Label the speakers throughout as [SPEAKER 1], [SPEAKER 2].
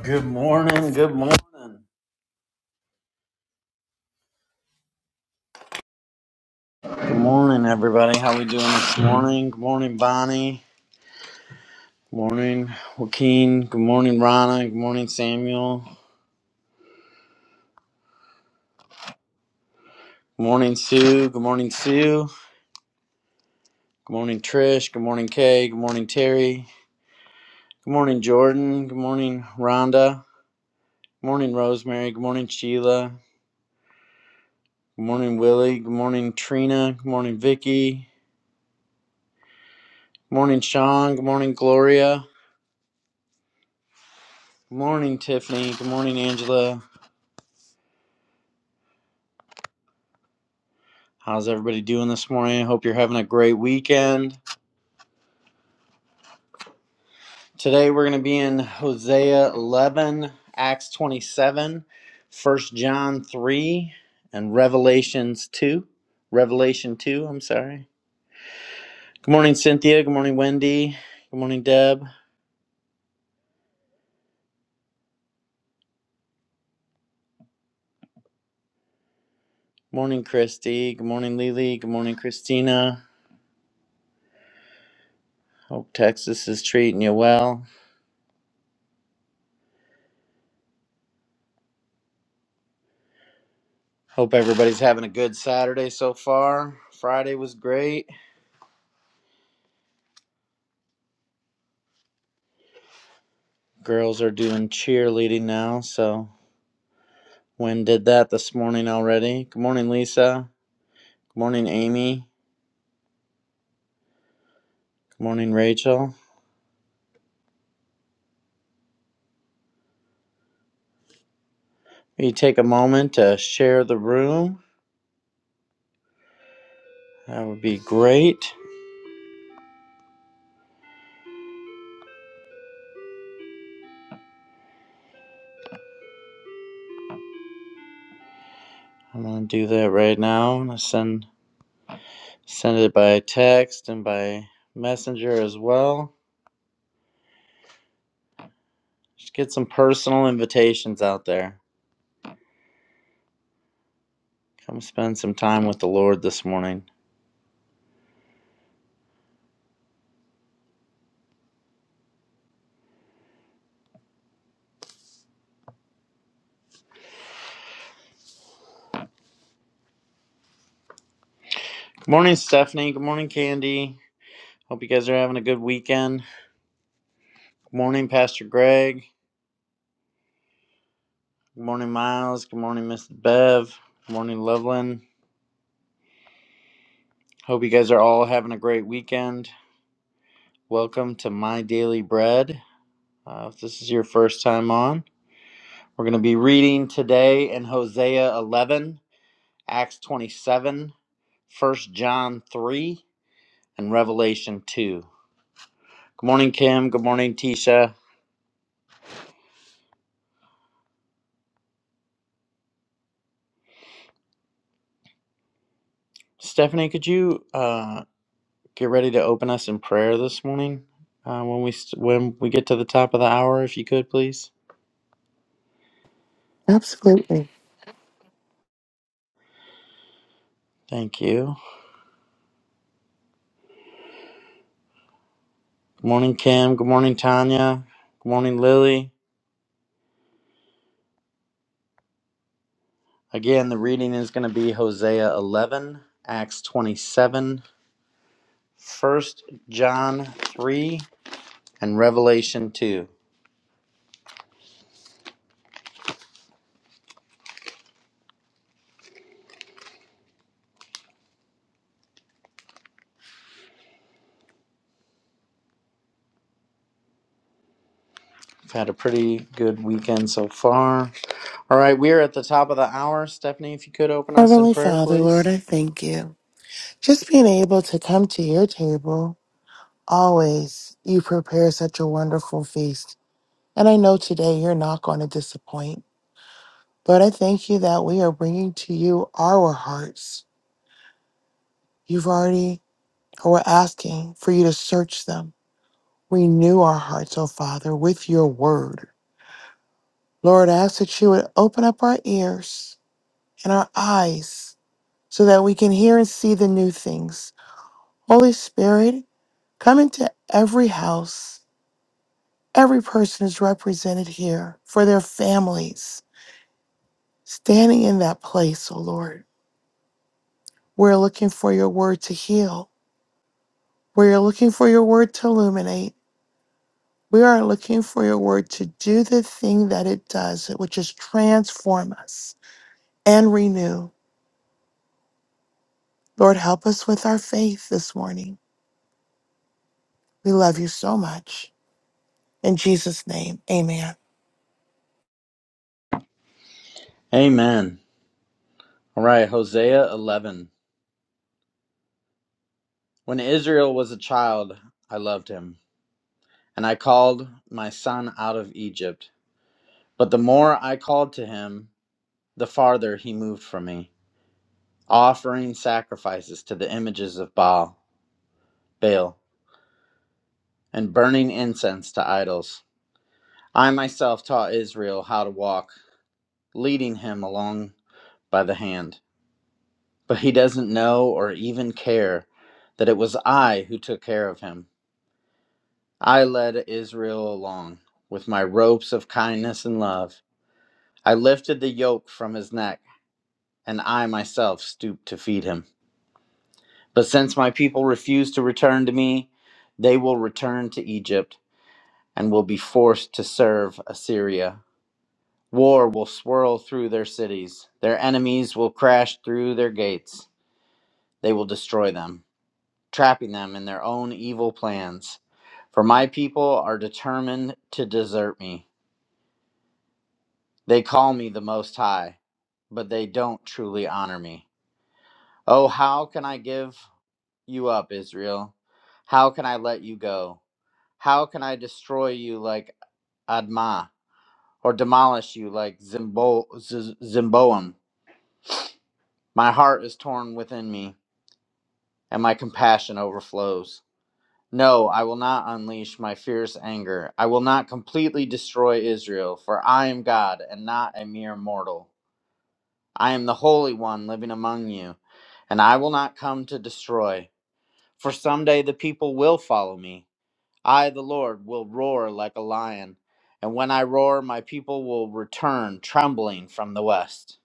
[SPEAKER 1] Good morning. Good morning. Good morning, everybody. How we doing this morning? Good morning, Bonnie. Good morning, Joaquin. Good morning, Rana. Good morning, Samuel. Good morning, Sue. Good morning, Sue. Good morning, Trish. Good morning, Kay. Good morning, Terry. Good morning, Jordan. Good morning, Rhonda. Good morning, Rosemary. Good morning, Sheila. Good morning, Willie. Good morning, Trina. Good morning, Vicky. Good morning, Sean. Good morning, Gloria. Good morning, Tiffany. Good morning, Angela. How's everybody doing this morning? I hope you're having a great weekend. Today we're going to be in Hosea 11, Acts 27, First John 3, and Revelations 2. Revelation 2, I'm sorry. Good morning, Cynthia. Good morning, Wendy. Good morning, Deb. Good morning, Christy. Good morning, Lily. Good morning, Christina. Hope Texas is treating you well. Hope everybody's having a good Saturday so far. Friday was great. Girls are doing cheerleading now, so When did that this morning already. Good morning, Lisa. Good morning, Amy. Good morning, Rachel. Will you take a moment to share the room? That would be great. I'm gonna do that right now. I'm gonna send send it by text and by messenger as well. Just get some personal invitations out there. Come spend some time with the Lord this morning. Good morning, Stephanie. Good morning, Candy. Hope you guys are having a good weekend. Good morning, Pastor Greg. Good morning, Miles. Good morning, Miss Bev. Good morning, Loveland. Hope you guys are all having a great weekend. Welcome to My Daily Bread. Uh, if this is your first time on, we're going to be reading today in Hosea 11, Acts 27, First John 3, and Revelation 2. Good morning, Kim. Good morning, Tisha. Stephanie, could you uh, get ready to open us in prayer this morning uh, when we st- when we get to the top of the hour, if you could, please?
[SPEAKER 2] Absolutely.
[SPEAKER 1] Thank you. Good morning, Kim. Good morning, Tanya. Good morning, Lily. Again, the reading is going to be Hosea 11, Acts 27, First John 3, and Revelation 2. We've had a pretty good weekend so far. All right, we are at the top of the hour. Stephanie, if you could open us in
[SPEAKER 2] Heavenly
[SPEAKER 1] prayer,
[SPEAKER 2] Father, Lord,
[SPEAKER 1] please.
[SPEAKER 2] I thank you. Just being able to come to your table, always you prepare such a wonderful feast. And I know today you're not going to disappoint. Lord, I thank you that we are bringing to you our hearts. You've already, or we're asking for you to search them. Renew our hearts, O Father, with your word. Lord, I ask that you would open up our ears and our eyes so that we can hear and see the new things. Holy Spirit, Come into every house. Every person is represented here for their families, standing in that place, O Lord. We're looking for your word to heal. We're looking for your word to illuminate. We are looking for your word to do the thing that it does, which is transform us and renew. Lord, help us with our faith this morning. We love you so much. In Jesus' name, amen.
[SPEAKER 1] Amen. All right, Hosea 11. When Israel was a child, I loved him, and I called my son out of Egypt. But the more I called to him, the farther he moved from me, offering sacrifices to the images of Baal, Baal, and burning incense to idols. I myself taught Israel how to walk, leading him along by the hand. But he doesn't know or even care that it was I who took care of him. I led Israel along with my ropes of kindness and love. I lifted the yoke from his neck, and I myself stooped to feed him. But since my people refuse to return to me, they will return to Egypt and will be forced to serve Assyria. War will swirl through their cities. Their enemies will crash through their gates. They will destroy them, trapping them in their own evil plans. For my people are determined to desert me. They call me the Most High, but they don't truly honor me. Oh, how can I give you up, Israel? How can I let you go? How can I destroy you like Admah, or demolish you like Zimbo- Z- Zimboam? My heart is torn within me, and my compassion overflows. No, I will not unleash my fierce anger. I will not completely destroy Israel, for I am God and not a mere mortal. I am the Holy One living among you, and I will not come to destroy. For someday the people will follow me I, the Lord, will roar like a lion, and when I roar, my people will return trembling from the west.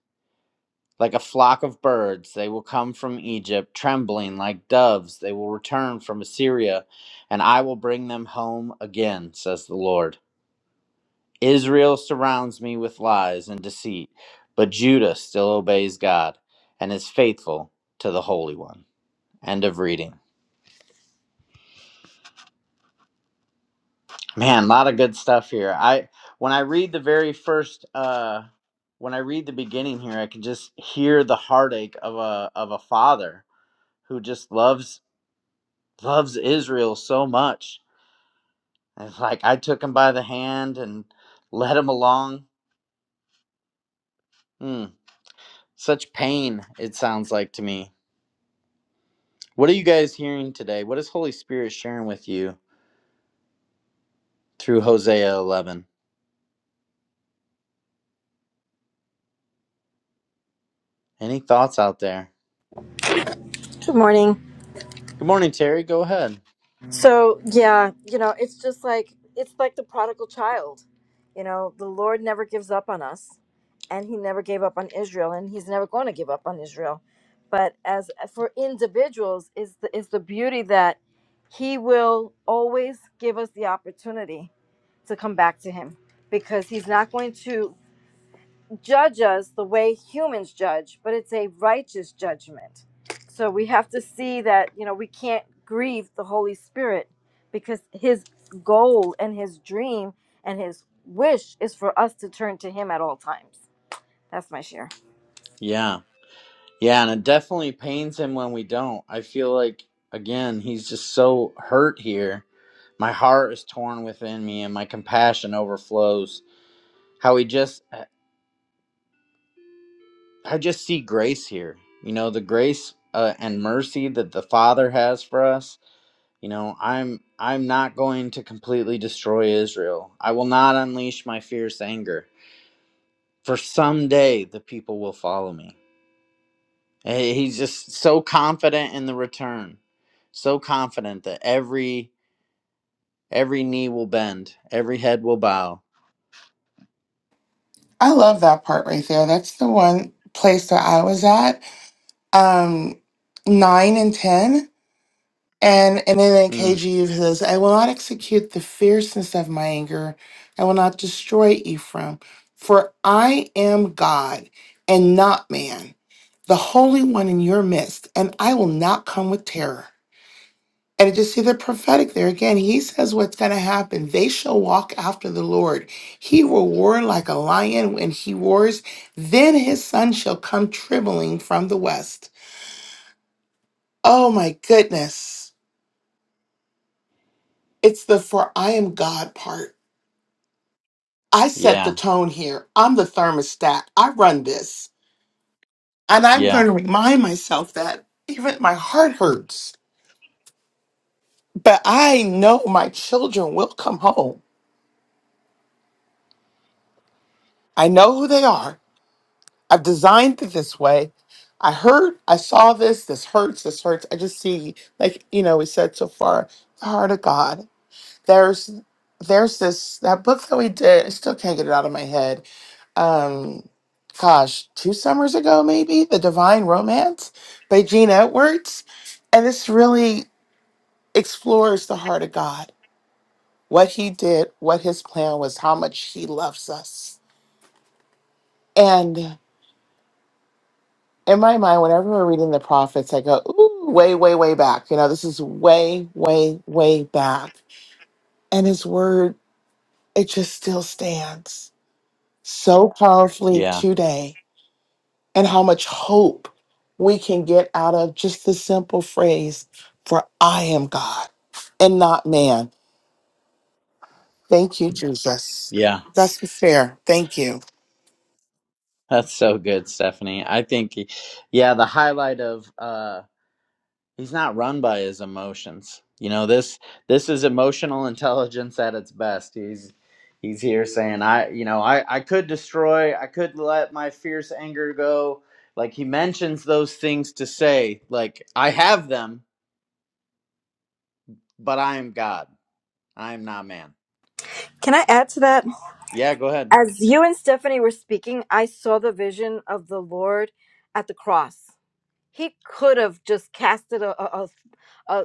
[SPEAKER 1] Like a flock of birds, they will come from Egypt, trembling like doves, they will return from Assyria, and I will bring them home again, says the Lord. Israel surrounds me with lies and deceit, but Judah still obeys God and is faithful to the Holy One. End of reading. Man, a lot of good stuff here. I when I read the very first uh when I read the beginning here, I can just hear the heartache of a of a father who just loves loves Israel so much. And it's like I took him by the hand and led him along. Hmm. Such pain it sounds like to me. What are you guys hearing today? What is Holy Spirit sharing with you through Hosea 11? Any thoughts out there?
[SPEAKER 3] Good morning.
[SPEAKER 1] Good morning, Terry. Go ahead.
[SPEAKER 3] So, yeah, you know, it's just like it's like the prodigal child. You know, the Lord never gives up on us, and he never gave up on Israel, and he's never going to give up on Israel. But as for individuals is the is the beauty that he will always give us the opportunity to come back to him because he's not going to judge us the way humans judge, but it's a righteous judgment. So we have to see that, you know, we can't grieve the Holy Spirit because his goal and his dream and his wish is for us to turn to him at all times. That's my share.
[SPEAKER 1] Yeah. Yeah, and it definitely pains him when we don't. I feel like again, he's just so hurt here. My heart is torn within me and my compassion overflows. How he just uh, I just see grace here. You know, the grace uh, and mercy that the Father has for us. You know, I'm I'm not going to completely destroy Israel. I will not unleash my fierce anger. For someday the people will follow me. And He's just so confident in the return, so confident that every every knee will bend, every head will bow.
[SPEAKER 2] I love that part right there. That's the one place that I was at um, 9 and 10. And, and then in
[SPEAKER 1] Mm,
[SPEAKER 2] KG, says, I will not execute the fierceness of my anger. I will not destroy Ephraim, for I am God and not man, the Holy One in your midst, and I will not come with terror. And I just see the prophetic there again. He says what's going to happen. They shall walk after the Lord. He will roar like a lion when he roars. Then his son shall come trembling from the west. Oh my goodness. It's the for I am God part. I set the
[SPEAKER 1] yeah,
[SPEAKER 2] tone here. I'm the thermostat. I run this. And I'm
[SPEAKER 1] yeah,
[SPEAKER 2] going to remind myself that even my heart hurts, but I know my children will come home. I know who they are. I've designed it this way. I heard, I saw this. This hurts. This hurts. I just see, like, you know, we said so far, the heart of God. there's there's this that book that we did. I still can't get it out of my head. Um, gosh, two summers ago maybe, The Divine Romance by Gene Edwards, and this really explores the heart of God, what He did, what His plan was, how much He loves us. And in my mind, whenever we're reading the prophets, I go, ooh, way, way, way back. You know, this is way, way, way back, and His word it just still stands so powerfully
[SPEAKER 1] yeah,
[SPEAKER 2] today and how much hope we can get out of just the simple phrase, for I am God and not man. Thank you, Jesus.
[SPEAKER 1] yeah.
[SPEAKER 2] That's the fair. Thank you.
[SPEAKER 1] That's so good, Stephanie. I think, yeah, the highlight of uh He's not run by his emotions. You know, this this is emotional intelligence at its best. He's he's here saying, I you know, I, I could destroy, I could let my fierce anger go. Like he mentions those things to say, like, I have them, but I am God. I am not man.
[SPEAKER 3] Can I add to that?
[SPEAKER 1] Yeah, go ahead.
[SPEAKER 3] As you and Stephanie were speaking, I saw the vision of the Lord at the cross. He could have just casted a a. a,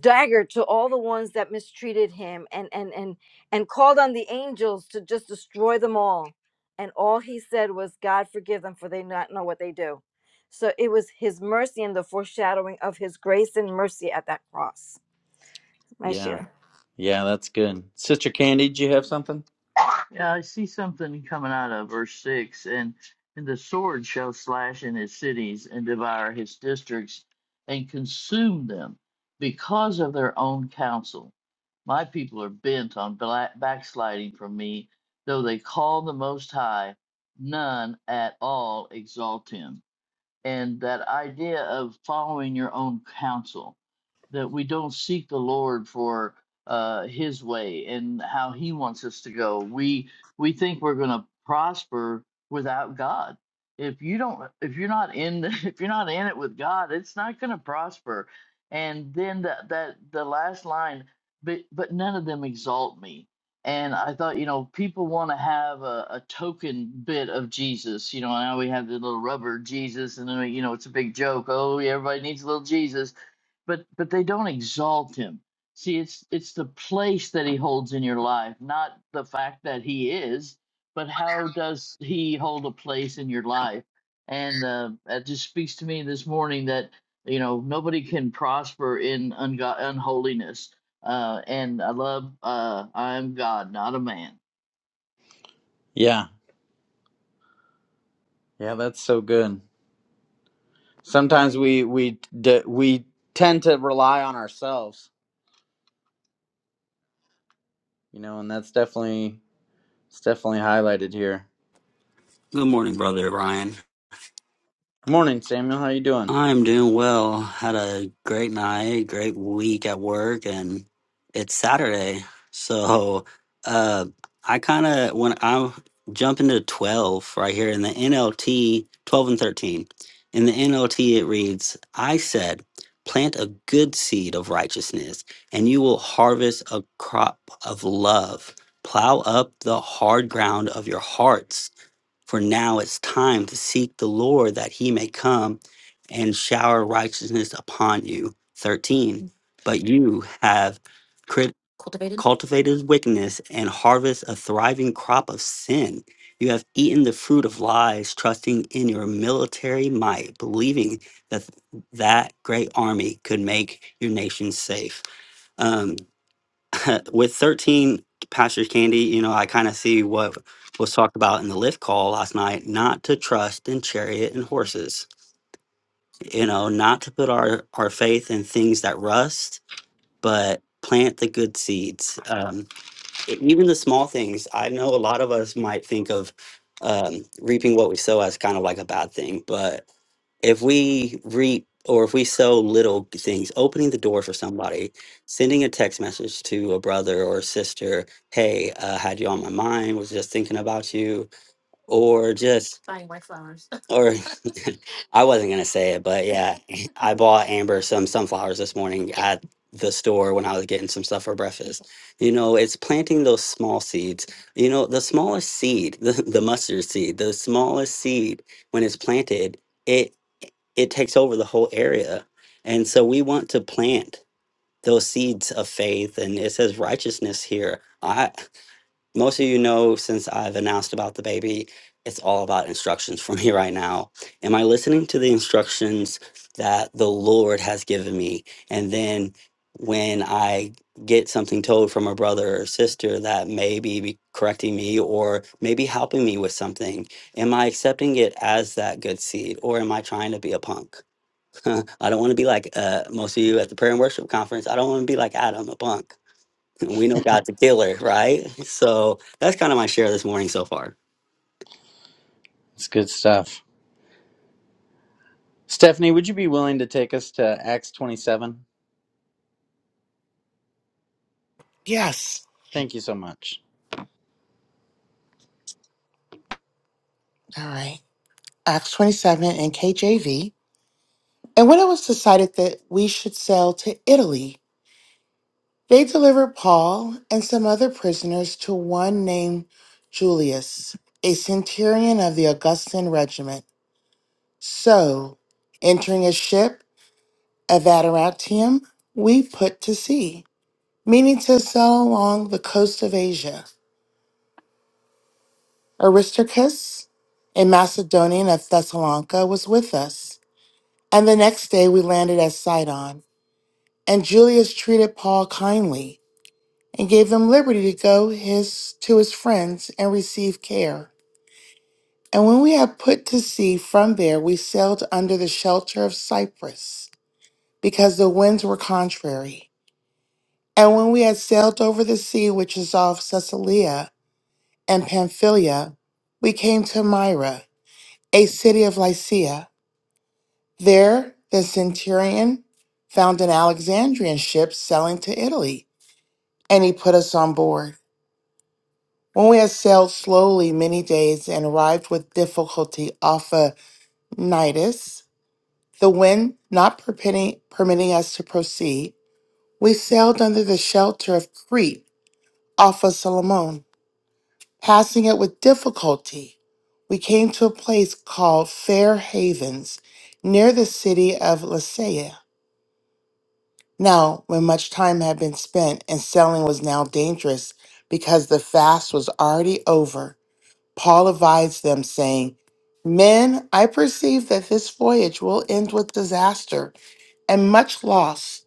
[SPEAKER 3] dagger to all the ones that mistreated him and and and and called on the angels to just destroy them all and all he said was god forgive them for they not know what they do so it was his mercy and the foreshadowing of his grace and mercy at that cross my
[SPEAKER 1] Yeah.
[SPEAKER 3] share
[SPEAKER 1] Yeah, that's good. Sister Candy, did you have something?
[SPEAKER 4] Yeah, I see something coming out of verse six, and and the sword shall slash in his cities and devour his districts and consume them because of their own counsel. My people are bent on bla backsliding from me, though they call the Most High, none at all exalt him and that idea of following your own counsel that we don't seek the lord for uh his way and how he wants us to go we we think we're going to prosper without god if you don't if you're not in if you're not in it with god it's not going to prosper and then that that the last line but but none of them exalt me and I thought, you know, people want to have a, a token bit of Jesus. You know, now we have the little rubber Jesus, and then you know it's a big joke. Oh, yeah, everybody needs a little Jesus, but but they don't exalt him. See, it's it's the place that he holds in your life, not the fact that he is, but how does he hold a place in your life? And uh, that just speaks to me this morning that you know nobody can prosper in ungo- unholiness uh, and I love uh, I am God, not a man.
[SPEAKER 1] Yeah. Yeah, that's so good. Sometimes we we d- we tend to rely on ourselves, you know, and that's definitely It's definitely highlighted here.
[SPEAKER 5] Good morning, brother Ryan.
[SPEAKER 1] Good morning, Samuel. How you doing?
[SPEAKER 5] I'm doing well. Had a great night, great week at work, and it's Saturday. So uh, I kind of, when I jump into 12 right here in the NLT, 12 and 13, in the NLT, it reads, I said, plant a good seed of righteousness, and you will harvest a crop of love. Plow up the hard ground of your hearts for now it's time to seek the Lord that he may come and shower righteousness upon you. 13. But you have crit- cultivated wickedness and harvest a thriving crop of sin. You have eaten the fruit of lies, trusting in your military might, believing that that great army could make your nation safe. Um, with 13 Pastor's Candy, you know, I kind of see what was talked about in the lift call last night not to trust in chariot and horses, you know, not to put our, our faith in things that rust, but plant the good seeds. Um, e- even the small things i know a lot of us might think of um, reaping what we sow as kind of like a bad thing but if we reap or if we sow little things opening the door for somebody sending a text message to a brother or a sister hey uh, had you on my mind was just thinking about you or just or I wasn't gonna say it, but yeah, I bought Amber some sunflowers this morning at the store when I was getting some stuff for breakfast. You know, it's planting those small seeds. You know, the smallest seed, the, the mustard seed, the smallest seed when it's planted, it it takes over the whole area. And so we want to plant those seeds of faith and it says righteousness here most of you know since I've announced about the baby, it's all about instructions for me right now. Am I listening to the instructions that the Lord has given me? And then when I get something told from a brother or sister that may be be correcting me or maybe helping me with something, am I accepting it as that good seed or am I trying to be a punk? I don't want to be like uh, most of you at the prayer and worship conference. I don't want to be like Adam, a punk. We know God's a killer, right? So that's kind of my share this morning so far.
[SPEAKER 1] It's good stuff. Stephanie, would you be willing to take us to Acts 27?
[SPEAKER 2] Yes.
[SPEAKER 1] Thank you so much.
[SPEAKER 2] All right. Acts 27 and KJV. And when it was decided that we should sail to Italy, they delivered Paul and some other prisoners to one named Julius, a centurion of the Augustan regiment So, entering a ship of Adarantium, we put to sea, meaning to sail along the coast of Asia. Aristarchus, a Macedonian of Thessalonica, was with us, and the next day we landed at Sidon. And Julius treated Paul kindly and gave him liberty to go his to his friends and receive care. And when we had put to sea from there, we sailed under the shelter of Cyprus, because the winds were contrary. And when we had sailed over the sea which is off Caesarea and Pamphylia, we came to Myra, a city of Lycia. There the centurion found an Alexandrian ship sailing to Italy, and he put us on board. When we had sailed slowly many days and arrived with difficulty off of Nidus, the wind not permitting, permitting us to proceed, we sailed under the shelter of Crete off of Solomon. passing it with difficulty, we came to a place called Fair Havens near the city of Lasea. Now, when much time had been spent and selling was now dangerous because the fast was already over, Paul advised them, saying, Men, I perceive that this voyage will end with disaster and much loss,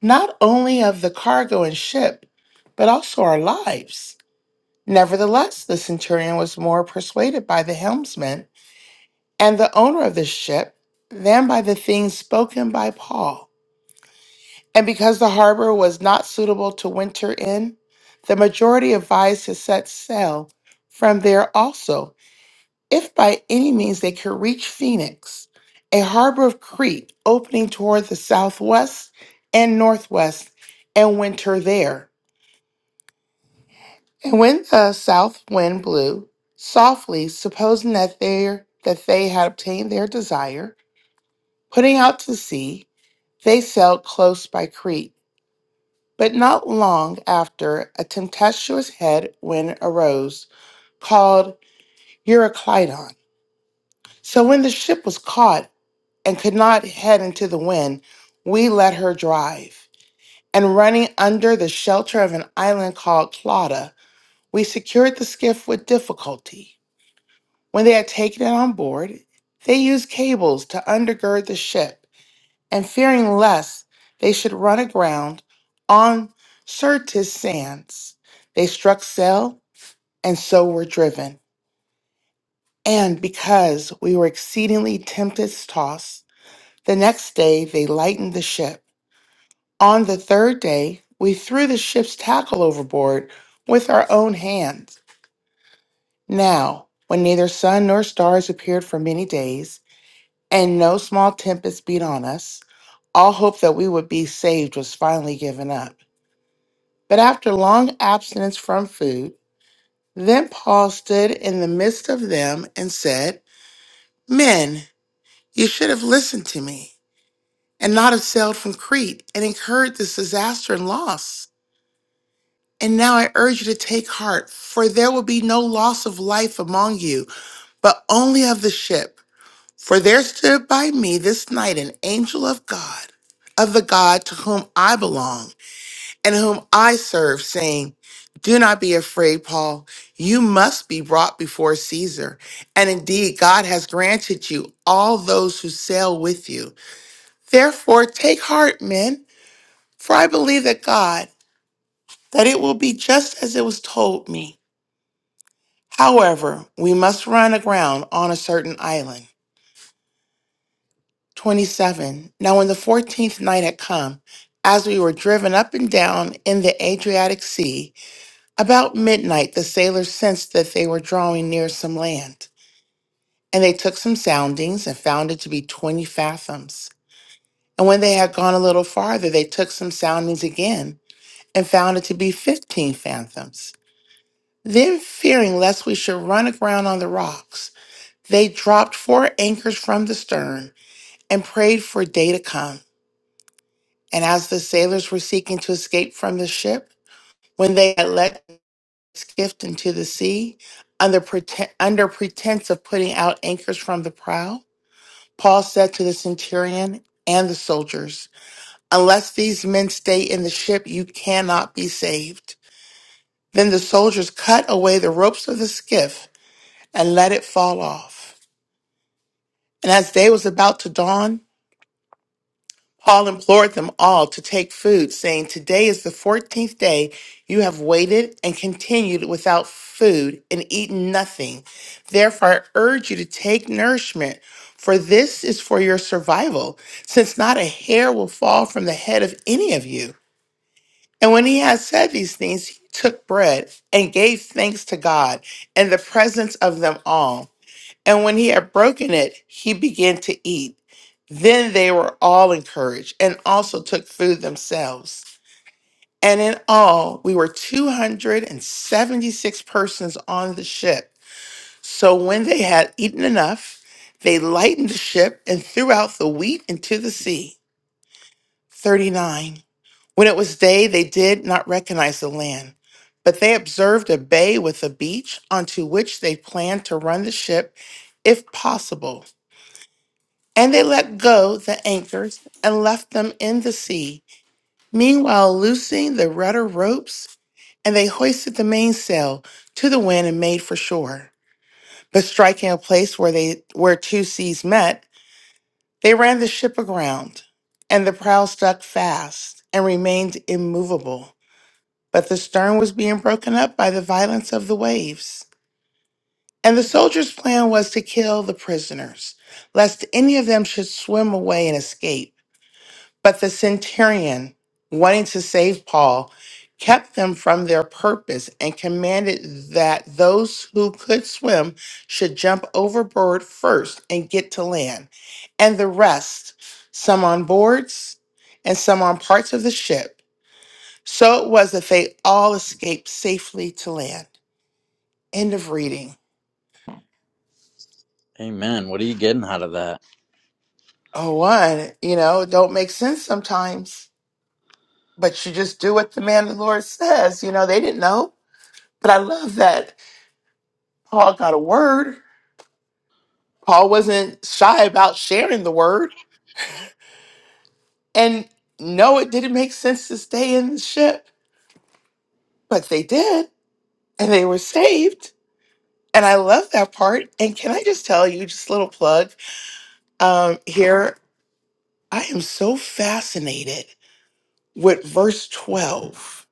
[SPEAKER 2] not only of the cargo and ship, but also our lives. Nevertheless, the centurion was more persuaded by the helmsman and the owner of the ship than by the things spoken by Paul. And because the harbor was not suitable to winter in, the majority advised to set sail from there also, if by any means they could reach Phoenix, a harbor of Crete opening toward the southwest and northwest, and winter there. And when the south wind blew softly, supposing that they that they had obtained their desire, putting out to sea, they sailed close by Crete. But not long after, a tempestuous head wind arose, called Euroclydon. So when the ship was caught and could not head into the wind, we let her drive. And running under the shelter of an island called Clauda, we secured the skiff with difficulty. When they had taken it on board, they used cables to undergird the ship, and fearing lest they should run aground on Syrtis sands, they struck sail and so were driven. And because we were exceedingly tempest tossed, the next day they lightened the ship. On the third day, we threw the ship's tackle overboard with our own hands. Now, when neither sun nor stars appeared for many days, and no small tempest beat on us. All hope that we would be saved was finally given up. But after long abstinence from food, then Paul stood in the midst of them and said, Men, you should have listened to me and not have sailed from Crete and incurred this disaster and loss. And now I urge you to take heart, for there will be no loss of life among you, but only of the ship. For there stood by me this night an angel of God, of the God to whom I belong and whom I serve, saying, Do not be afraid, Paul. You must be brought before Caesar. And indeed, God has granted you all those who sail with you. Therefore, take heart, men, for I believe that God, that it will be just as it was told me. However, we must run aground on a certain island. 27. Now, when the fourteenth night had come, as we were driven up and down in the Adriatic Sea, about midnight the sailors sensed that they were drawing near some land. And they took some soundings and found it to be 20 fathoms. And when they had gone a little farther, they took some soundings again and found it to be 15 fathoms. Then, fearing lest we should run aground on the rocks, they dropped four anchors from the stern and prayed for day to come. And as the sailors were seeking to escape from the ship, when they had let the skiff into the sea, under, preten- under pretense of putting out anchors from the prow, Paul said to the centurion and the soldiers, Unless these men stay in the ship, you cannot be saved. Then the soldiers cut away the ropes of the skiff and let it fall off. And as day was about to dawn, Paul implored them all to take food, saying, Today is the 14th day you have waited and continued without food and eaten nothing. Therefore, I urge you to take nourishment, for this is for your survival, since not a hair will fall from the head of any of you. And when he had said these things, he took bread and gave thanks to God in the presence of them all. And when he had broken it, he began to eat. Then they were all encouraged and also took food themselves. And in all, we were 276 persons on the ship. So when they had eaten enough, they lightened the ship and threw out the wheat into the sea. 39. When it was day, they did not recognize the land, but they observed a bay with a beach onto which they planned to run the ship if possible. And they let go the anchors and left them in the sea, meanwhile loosing the rudder ropes, and they hoisted the mainsail to the wind and made for shore. But striking a place where they where two seas met, they ran the ship aground, and the prow stuck fast and remained immovable. But the stern was being broken up by the violence of the waves. And the soldiers' plan was to kill the prisoners, lest any of them should swim away and escape. But the centurion, wanting to save Paul, kept them from their purpose and commanded that those who could swim should jump overboard first and get to land, and the rest, some on boards and some on parts of the ship. So it was that they all escaped safely to land. End of reading.
[SPEAKER 1] Amen. What are you getting out of that?
[SPEAKER 2] Oh, one, you know, it don't make sense sometimes, but you just do what the man of the Lord says. You know, they didn't know. But I love that Paul got a word. Paul wasn't shy about sharing the word. And no, it didn't make sense to stay in the ship, but they did, and they were saved. And I love that part. And can I just tell you, just a little plug um, here, I am so fascinated with verse 12.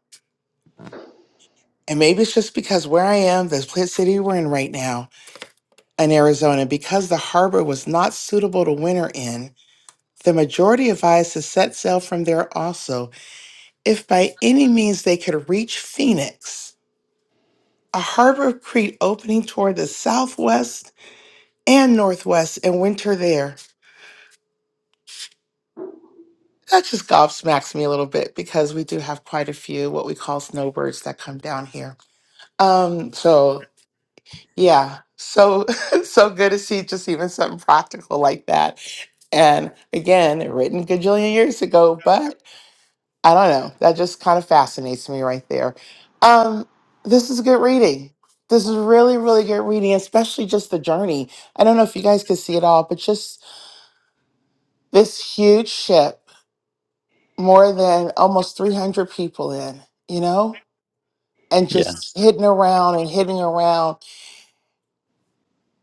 [SPEAKER 2] And maybe it's just because where I am, this place city we're in right now in Arizona, because the harbor was not suitable to winter in, the majority of us has set sail from there also If by any means they could reach Phoenix, a harbor of Crete opening toward the southwest and northwest, and winter there. That just gobsmacks me a little bit because we do have quite a few what we call snowbirds that come down here. Um, so yeah, so so good to see just even something practical like that. And again, written a gajillion years ago, but. I don't know. That just kind of fascinates me right there. Um, this is good reading. This is really, really good reading, especially just the journey. I don't know if you guys could see it all, but just this huge ship, more than almost 300 people in, you know, and
[SPEAKER 1] Yeah.
[SPEAKER 2] just hitting around and hitting around.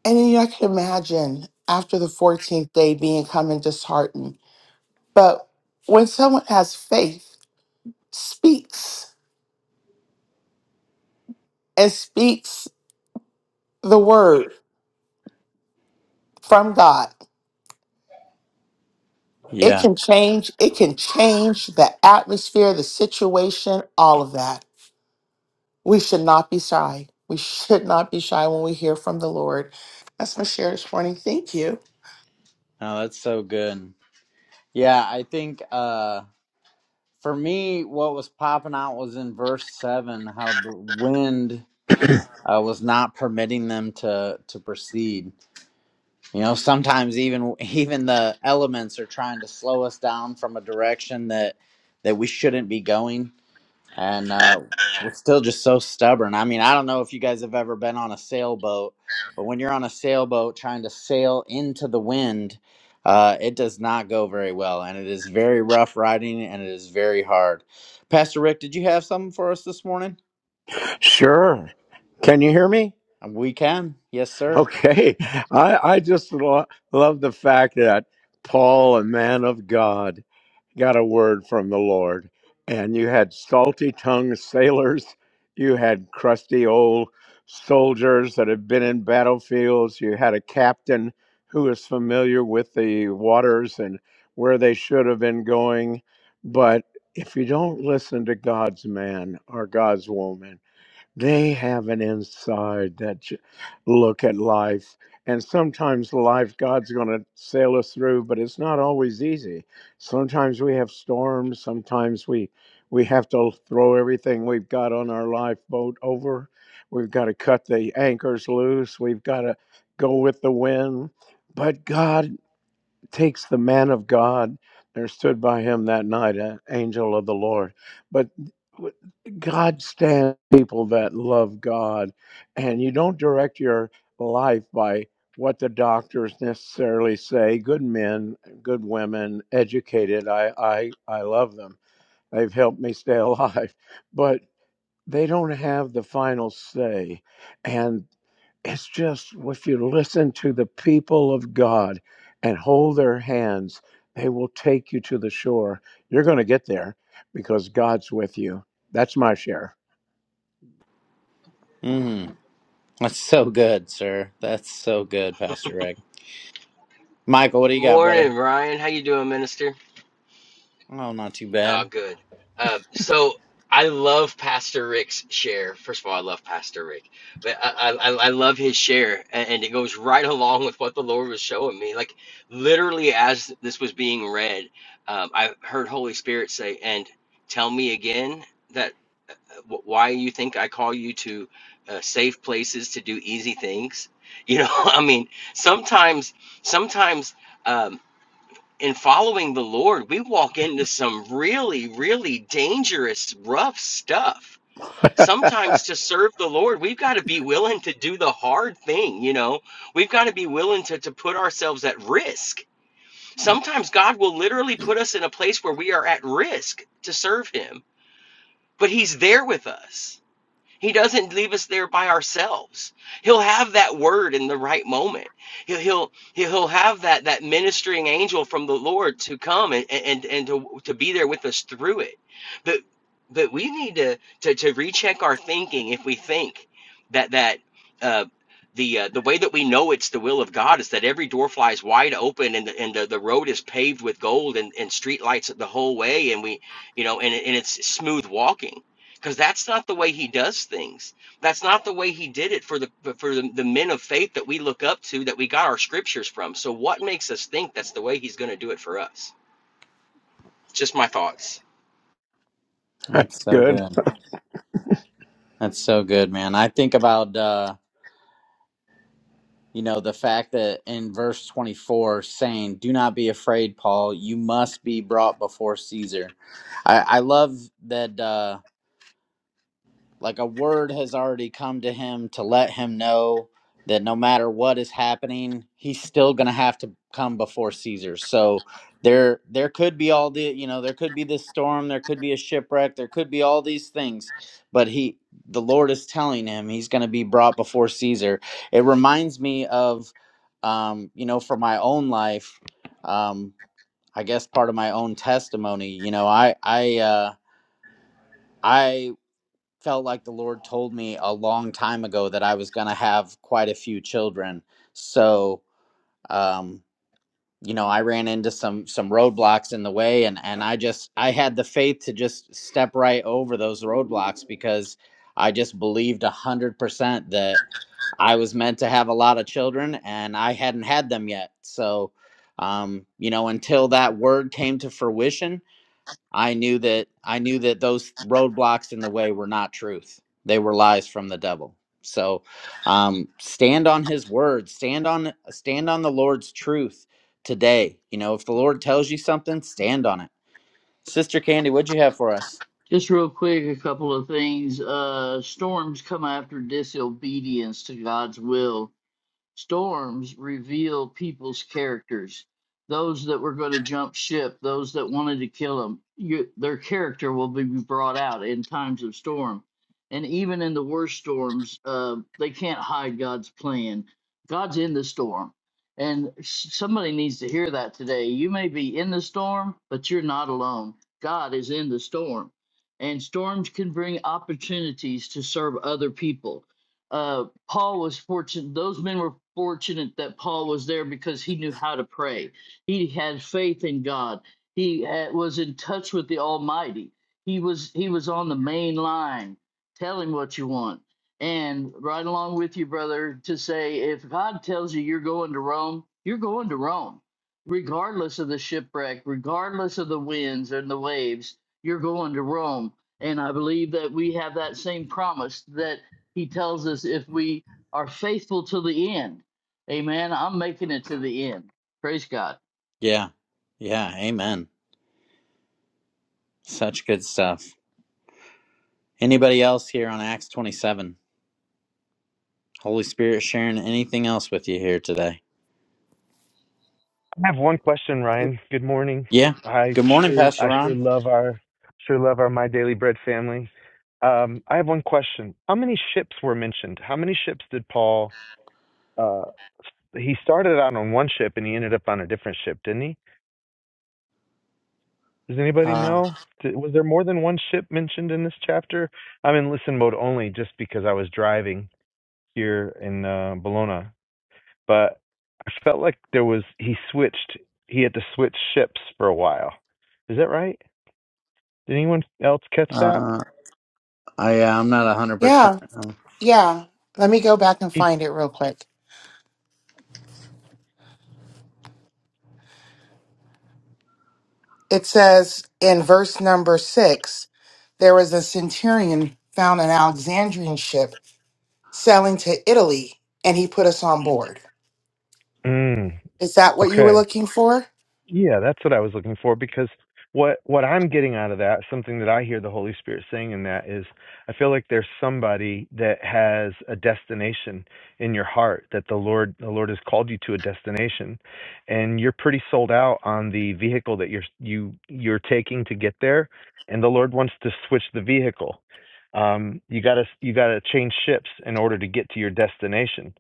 [SPEAKER 2] And then, you know, I could imagine after the 14th day being coming disheartened. But when someone has faith, speaks and speaks the word from God It
[SPEAKER 1] Yeah.
[SPEAKER 2] can change, it can change the atmosphere, the situation, all of that. We should not be shy. We should not be shy when we hear from the Lord. That's my share this morning. Thank you.
[SPEAKER 1] Oh, that's so good. Yeah, I think uh for me what was popping out was in verse 7 how the wind uh, was not permitting them to to proceed. You know, sometimes even even the elements are trying to slow us down from a direction that that we shouldn't be going, and uh, we're still just so stubborn. I mean, I don't know if you guys have ever been on a sailboat, but when you're on a sailboat trying to sail into the wind, uh, it does not go very well, and it is very rough riding, and it is very hard. Pastor Rick, did you have something for us this morning?
[SPEAKER 6] Sure. Can you hear me?
[SPEAKER 1] We can, yes, sir.
[SPEAKER 6] Okay. I, I just lo- love the fact that Paul, a man of God, got a word from the Lord. And you had salty tongued sailors, you had crusty old soldiers that had been in battlefields, you had a captain who was familiar with the waters and where they should have been going. But if you don't listen to God's man or God's woman, they have an inside that j- look at life. And sometimes life, God's going to sail us through, but it's not always easy. Sometimes we have storms. Sometimes we we have to throw everything we've got on our lifeboat over. We've got to cut the anchors loose. We've got to go with the wind. But God takes the man of God. There stood by him that night an angel of the Lord. But God stands people that love God, and you don't direct your life by what the doctors necessarily say. Good men, good women, educated. I I I love them. They've helped me stay alive, but they don't have the final say. And it's just if you listen to the people of God and hold their hands, they will take you to the shore. You're going to get there because God's with you. That's my share.
[SPEAKER 1] Mm, that's so good, sir. That's so good, Pastor Rick. Michael, what do you got, brother?
[SPEAKER 7] Morning, Ryan. How you doing, Minister?
[SPEAKER 1] Oh, not too
[SPEAKER 7] Oh,
[SPEAKER 1] bad.
[SPEAKER 7] good. Um, so I love Pastor Rick's share. First of all, I love Pastor Rick, but I I, I I love his share, and, and it goes right along with what the Lord was showing me. Like literally, as this was being read, um, I heard Holy Spirit say, "And tell me again that uh, wh- why you think I call you to uh, safe places to do easy things." You know, I mean, sometimes, sometimes. um, in following the Lord, we walk into some really, really dangerous, rough stuff. Sometimes
[SPEAKER 6] That's
[SPEAKER 7] to serve the Lord, we've got to be willing to do the hard thing, you know. We've got to be willing to, to put ourselves at risk. Sometimes God will literally put us in a place where we are at risk to serve Him, but He's there with us. He doesn't leave us there by ourselves. He'll have that word in the right moment. He'll he'll he'll have that that ministering angel from the Lord to come and and and to to be there with us through it. But but we need to to, to recheck our thinking if we think that that uh, the uh, the way that we know it's the will of God is that every door flies wide open and the, and the, the road is paved with gold and, and street lights the whole way and we you know and, and it's smooth walking because that's not the way he does things. That's not the way he did it for the for the, the men of faith that we look up to that we got our scriptures from. So what makes us think that's the way he's going to do it for us? Just my thoughts.
[SPEAKER 1] That's so
[SPEAKER 6] good.
[SPEAKER 1] good. That's so good, man. I think about uh, you know, the fact that in verse 24 saying, "Do not be afraid, Paul. You must be brought before Caesar." I I love that uh like a word has already come to him to let him know that no matter what is happening he's still going to have to come before caesar so there there could be all the you know there could be this storm there could be a shipwreck there could be all these things but he the lord is telling him he's going to be brought before caesar it reminds me of um you know for my own life um i guess part of my own testimony you know i i uh I felt like the Lord told me a long time ago that I was going to have quite a few children. So, um, you know, I ran into some some roadblocks in the way, and and I just I had the faith to just step right over those roadblocks because I just believed a hundred percent that I was meant to have a lot of children, and I hadn't had them yet. So, um, you know, until that word came to fruition, I knew that I knew that those roadblocks in the way were not truth. They were lies from the devil. So um, stand on his word, stand on stand on the Lord's truth today. You know, if the Lord tells you something, stand on it. Sister Candy, what'd you have for us?
[SPEAKER 4] Just real quick, a couple of things. Uh, storms come after disobedience to God's will storms reveal people's characters. Those that were going to jump ship, those that wanted to kill them, you, their character will be brought out in times of storm. And even in the worst storms, uh, they can't hide God's plan. God's in the storm. And somebody needs to hear that today. You may be in the storm, but you're not alone. God is in the storm. And storms can bring opportunities to serve other people Uh, Paul was fortunate. Those men were fortunate that Paul was there because he knew how to pray. He had faith in God. He had, was in touch with the Almighty. He was he was on the main line. Tell him what you want. And right along with you, brother, to say if God tells you you're going to Rome, you're going to Rome, regardless of the shipwreck, regardless of the winds and the waves. You're going to Rome. And I believe that we have that same promise that. He tells us if we are faithful to the end. Amen. I'm making it to the end. Praise God.
[SPEAKER 1] Yeah. Yeah, amen. Such good stuff. Anybody else here on Acts 27? Holy Spirit sharing anything else with you here today?
[SPEAKER 8] I have one question, Ryan. Good morning.
[SPEAKER 1] Yeah.
[SPEAKER 8] I
[SPEAKER 1] Good morning,
[SPEAKER 8] sure
[SPEAKER 1] Pastor
[SPEAKER 8] I sure
[SPEAKER 1] Ron.
[SPEAKER 8] love our sure love our My Daily Bread family. Um, I have one question. How many ships were mentioned? How many ships did Paul uh he started out on one ship and he ended up on a different ship, didn't he? Does anybody
[SPEAKER 1] Uh,
[SPEAKER 8] know? Did, was there more than one ship mentioned in this chapter? I'm in listen mode only just because I was driving here in uh, Bologna. but I felt like there was he switched. He had to switch ships for a while. Is that right? Did anyone else catch that?
[SPEAKER 1] uh, I, I'm not
[SPEAKER 2] Yeah,
[SPEAKER 1] 100%.
[SPEAKER 2] yeah. Let me go back and
[SPEAKER 8] He,
[SPEAKER 2] find it real quick. It says in verse number six, there was a centurion found an Alexandrian ship sailing to Italy, and he put us on board.
[SPEAKER 8] mm,
[SPEAKER 2] Is that what you were
[SPEAKER 8] okay.
[SPEAKER 2] looking for?
[SPEAKER 8] Yeah, that's what I was looking for because what what I'm getting out of that, something that I hear the Holy Spirit saying in that is I feel like there's somebody that has a destination in your heart that the Lord the Lord has called you to a destination and you're pretty sold out on the vehicle that you're you you're taking to get there and the Lord wants to switch the vehicle. Um you got to you got to change ships in order to get to your destination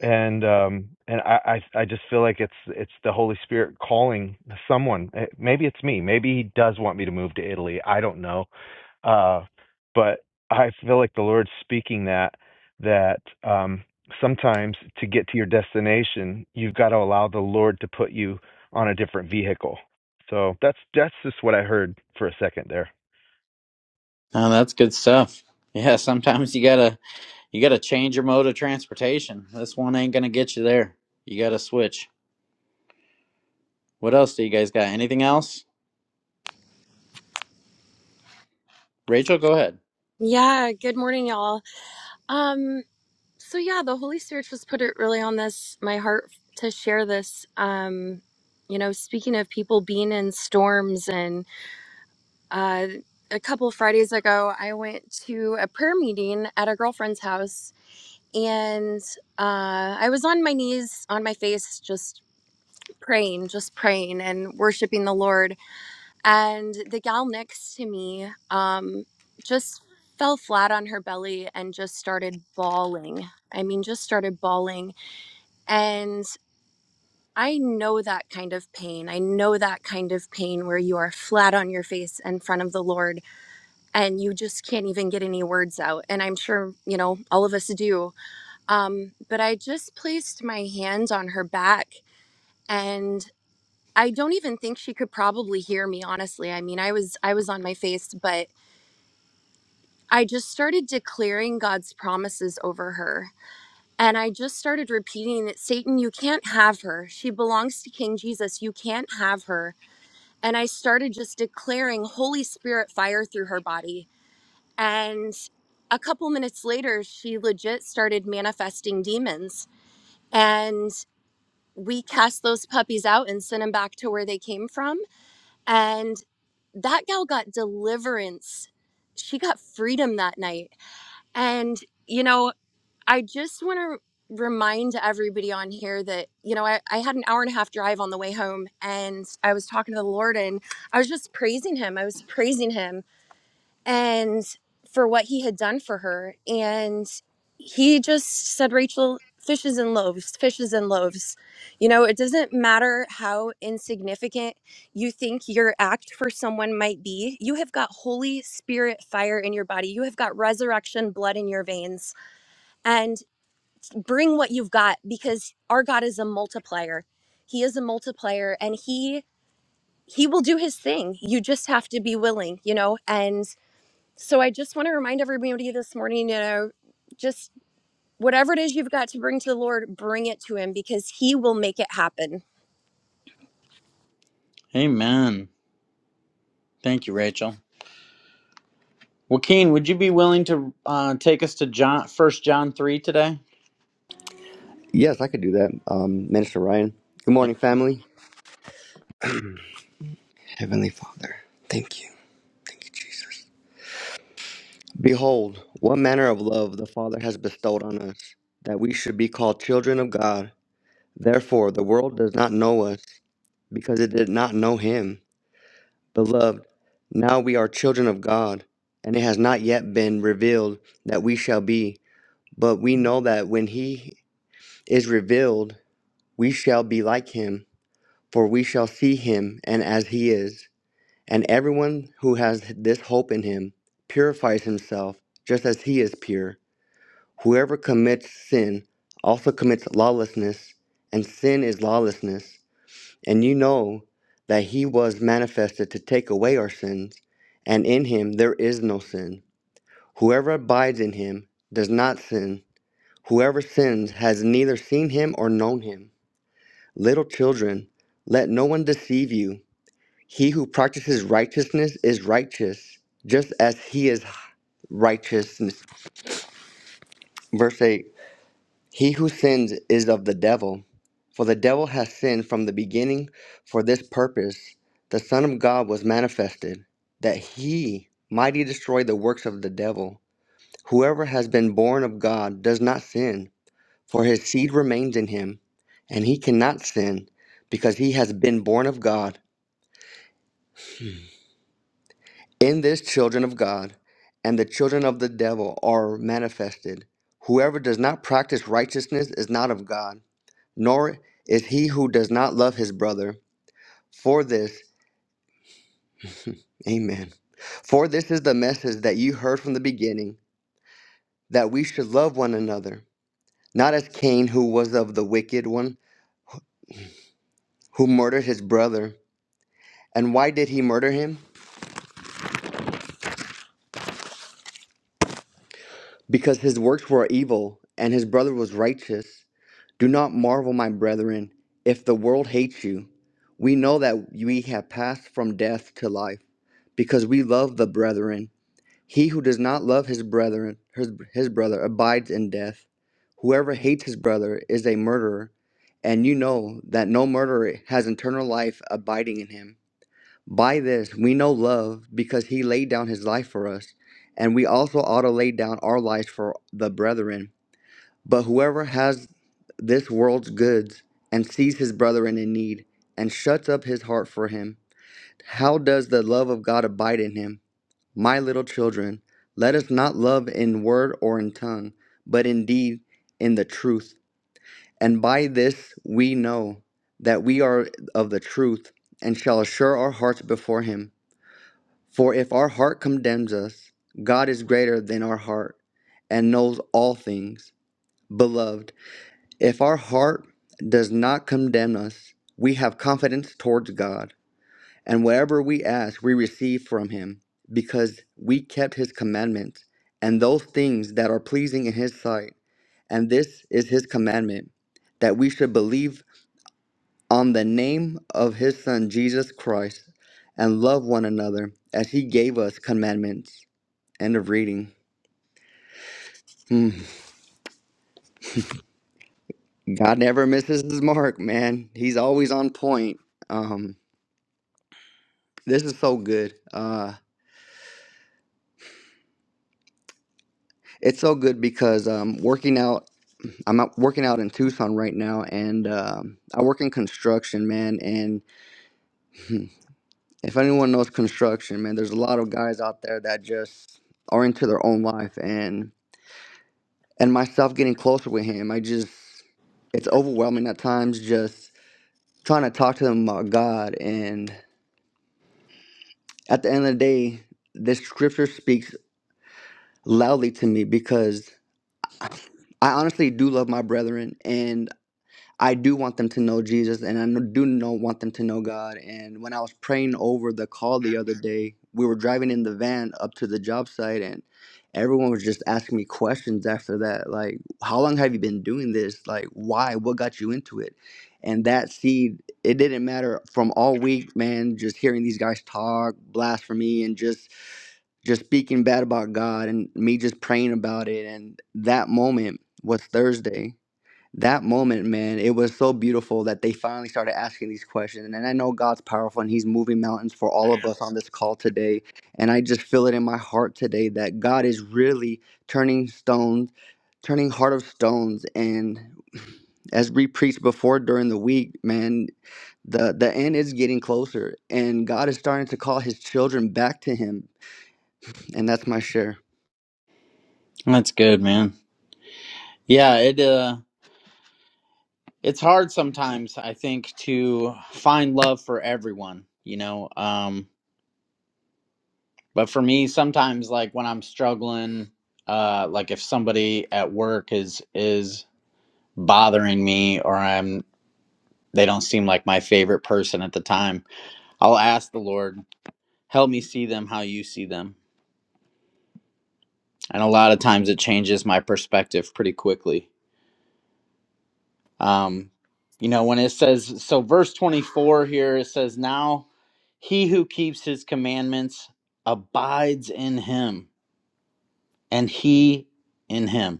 [SPEAKER 8] and um and I, I i just feel like it's it's the holy spirit calling someone Eh, maybe it's me maybe he does want me to move to italy i don't know uh but i feel like the lord's speaking that that um sometimes to get to your destination you've got to allow the lord to put you on a different vehicle so that's that's just what i heard for a second there
[SPEAKER 1] Oh, that's good stuff. Yeah, sometimes you gotta you gotta change your mode of transportation. This one ain't gonna get you there. You gotta switch. What else do you guys got? Anything else? Rachel, go ahead.
[SPEAKER 9] Yeah, good morning, y'all. Um, so yeah, the Holy Spirit just put it really on this my heart to share this. Um, you know, speaking of people being in storms and uh a couple Fridays ago I went to a prayer meeting at a girlfriend's house and uh I was on my knees on my face just praying, just praying and worshiping the Lord and the gal next to me um, just fell flat on her belly and just started bawling. I mean, just started bawling. And I know that kind of pain. I know that kind of pain where you are flat on your face in front of the Lord and you just can't even get any words out. And I'm sure, you know, all of us do. Um, but I just placed my hand on her back and I don't even think she could probably hear me honestly. I mean, I was I was on my face, but I just started declaring God's promises over her. And I just started repeating that Satan, you can't have her. She belongs to King Jesus. You can't have her. And I started just declaring Holy Spirit fire through her body. And a couple minutes later, she legit started manifesting demons. And we cast those puppies out and sent them back to where they came from. And that gal got deliverance. She got freedom that night. And, you know, I just want to remind everybody on here that, you know, I, I had an hour and a half drive on the way home and I was talking to the Lord and I was just praising him. I was praising him and for what he had done for her. And he just said, Rachel, fishes and loaves, fishes and loaves. You know, it doesn't matter how insignificant you think your act for someone might be. You have got Holy Spirit fire in your body, you have got resurrection blood in your veins. and bring what you've got because our God is a multiplier. He is a multiplier and he he will do his thing. You just have to be willing, you know? And so I just want to remind everybody this morning, you know, just whatever it is you've got to bring to the Lord, bring it to him because he will make it happen.
[SPEAKER 1] Amen. Thank you, Rachel. Well, Keen, would you be willing to uh, take us to John First John three today?
[SPEAKER 10] Yes, I could do that. Um, Minister Ryan. Good morning, family. Heavenly Father, thank you. Thank you, Jesus. Behold, what manner of love the Father has bestowed on us, that we should be called children of God. Therefore, the world does not know us, because it did not know Him. Beloved, now we are children of God, and it has not yet been revealed that we shall be. But we know that when He is revealed, we shall be like Him, for we shall see Him and as He is. And everyone who has this hope in him purifies himself just as he is pure. Whoever commits sin also commits lawlessness, and sin is lawlessness. And you know that he was manifested to take away our sins, and in him there is no sin. Whoever abides in him does not sin. Whoever sins has neither seen him or known him. Little children, let no one deceive you. He who practices righteousness is righteous, just as he is righteous. Verse 8 He who sins is of the devil, for the devil has sinned from the beginning. For this purpose, the Son of God was manifested, that he might destroy the works of the devil. Whoever has been born of God does not sin, for his seed remains in him, and he cannot sin, because he has been born of God. In this, children of God and the children of the devil are manifested. Whoever does not practice righteousness is not of God, nor is he who does not love his brother. For this, amen. For this is the message that you heard from the beginning, that we should love one another. Not as Cain, who was of the wicked one, who murdered his brother. And why did he murder him? Because his works were evil, and his brother was righteous. Do not marvel, my brethren, if the world hates you. We know that we have passed from death to life, because we love the brethren. He who does not love his brethren, his, his brother, abides in death. Whoever hates his brother is a murderer, and you know that no murderer has eternal life abiding in him. By this we know love, because he laid down his life for us, and we also ought to lay down our lives for the brethren. But whoever has this world's goods and sees his brother in need and shuts up his heart for him, how does the love of God abide in him? My little children, let us not love in word or in tongue, but in deed, in the truth. And by this we know that we are of the truth and shall assure our hearts before him. For if our heart condemns us, God is greater than our heart and knows all things. Beloved, if our heart does not condemn us, we have confidence towards God, and whatever we ask, we receive from Him, because we kept His commandments and those things that are pleasing in His sight. And this is His commandment that we should believe on the name of His Son, Jesus Christ, and love one another as He gave us commandments. End of reading. Hmm. God never misses his mark, man. He's always on point. Um, This is so good. Uh, it's so good because um, working out. I'm out working out in Tucson right now, and um, I work in construction, man. And hmm, if anyone knows construction, man, there's a lot of guys out there that just are into their own life, and and myself getting closer with him. I just it's overwhelming at times, just trying to talk to them about God. And at the end of the day, this scripture speaks loudly to me because I honestly do love my brethren, and I do want them to know Jesus and I no- do know, want them to know God. And when I was praying over the call the other day, we were driving in the van up to the job site and everyone was just asking me questions after that. Like, how long have you been doing this? Like, why? What got you into it? And that seed, it didn't matter from all week, man, just hearing these guys talk, blasphemy, and just just speaking bad about God and me just praying about it. And that moment was Thursday that moment, man, it was so beautiful that they finally started asking these questions. And I know God's powerful and He's moving mountains for all of us on this call today. And I just feel it in my heart today that God is really turning stones, turning heart of stones. And as we preached before during the week, man, the, the end is getting closer. And God is starting to call His children back to Him. And that's my share.
[SPEAKER 1] That's good, man. Yeah, it uh, it's hard sometimes. I think to find love for everyone. You know, um, But for me, sometimes like when I'm struggling, uh, like if somebody at work is is bothering me or I'm they don't seem like my favorite person at the time, I'll ask the Lord, help me see them how you see them. And a lot of times it changes my perspective pretty quickly. Um, you know, when it says so verse 24 here, it says, Now he who keeps his commandments abides in him, and he in him.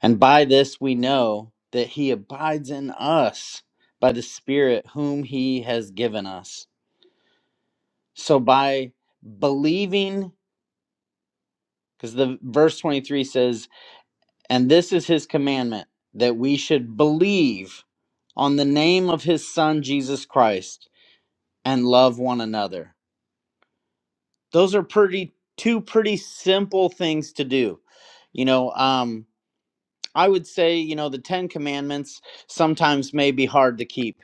[SPEAKER 1] And by this we know that he abides in us by the Spirit whom he has given us. So by believing, because the verse 23 says, and this is his commandment, that we should believe on the name of his son Jesus Christ and love one another. Those are pretty two pretty simple things to do. You know, um, I would say, you know, the Ten Commandments sometimes may be hard to keep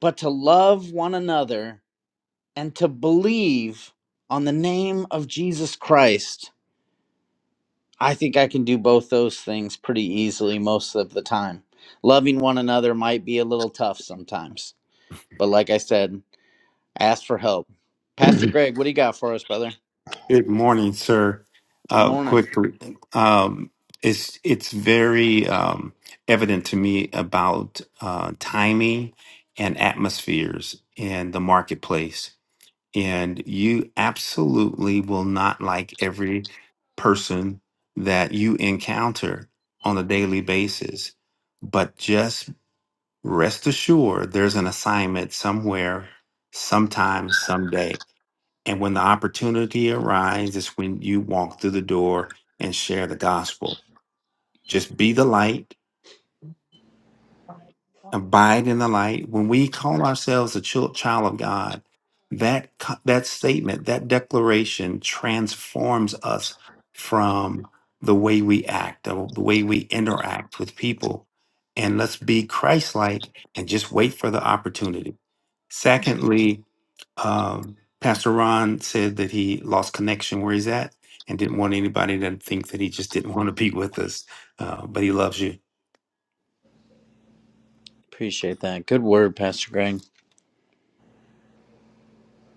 [SPEAKER 1] but to love one another and to believe on the name of Jesus Christ, I think I can do both those things pretty easily most of the time. Loving one another might be a little tough sometimes, but like I said, ask for help. Pastor Greg, what do you got for us, brother?
[SPEAKER 11] Good morning, sir.
[SPEAKER 1] Good
[SPEAKER 11] Uh,
[SPEAKER 1] morning.
[SPEAKER 11] quickly, um, it's it's very um, evident to me about uh, timing and atmospheres in the marketplace, and you absolutely will not like every person that you encounter on a daily basis. But just rest assured, there's an assignment somewhere, sometime, someday And when the opportunity arises, it's when you walk through the door and share the gospel. Just be the light, abide in the light. When we call ourselves a chil- child of God, that co- that statement, that declaration transforms us from the way we act, the the way we interact with people. And let's be Christ-like and just wait for the opportunity. Secondly, Um, Pastor Ron said that he lost connection where he's at and didn't want anybody to think that he just didn't want to be with us, uh, but he loves you.
[SPEAKER 1] Appreciate that. Good word, Pastor Greg.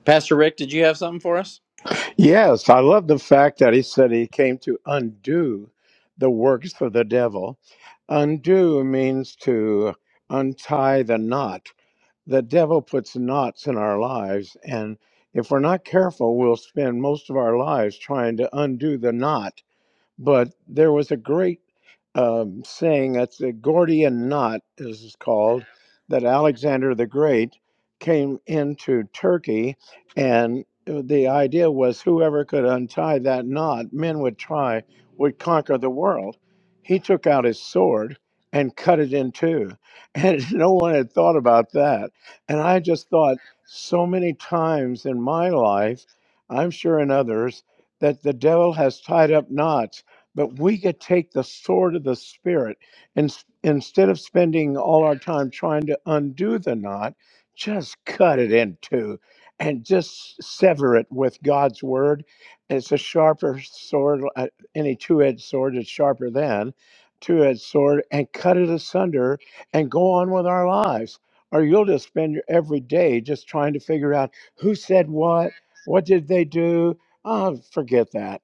[SPEAKER 1] Pastor Rick, did you have something for us?
[SPEAKER 6] Yes, I love the fact that he said he came to undo the works of the devil. Undo means to untie the knot the devil puts knots in our lives and if we're not careful we'll spend most of our lives trying to undo the knot but there was a great um, saying that's a Gordian knot, as it's called, that Alexander the Great came into Turkey, and uh, the idea was whoever could untie that knot, men would try, would conquer the world. He took out his sword and cut it in two, and no one had thought about that. And I just thought so many times in my life, I'm sure in others, that the devil has tied up knots but we could take the sword of the spirit and s- instead of spending all our time trying to undo the knot just cut it in two and just sever it with god's word it's a sharper sword uh, any two-edged sword is sharper than two-edged sword and cut it asunder and go on with our lives or you'll just spend your every day just trying to figure out who said what what did they do Ah, forget that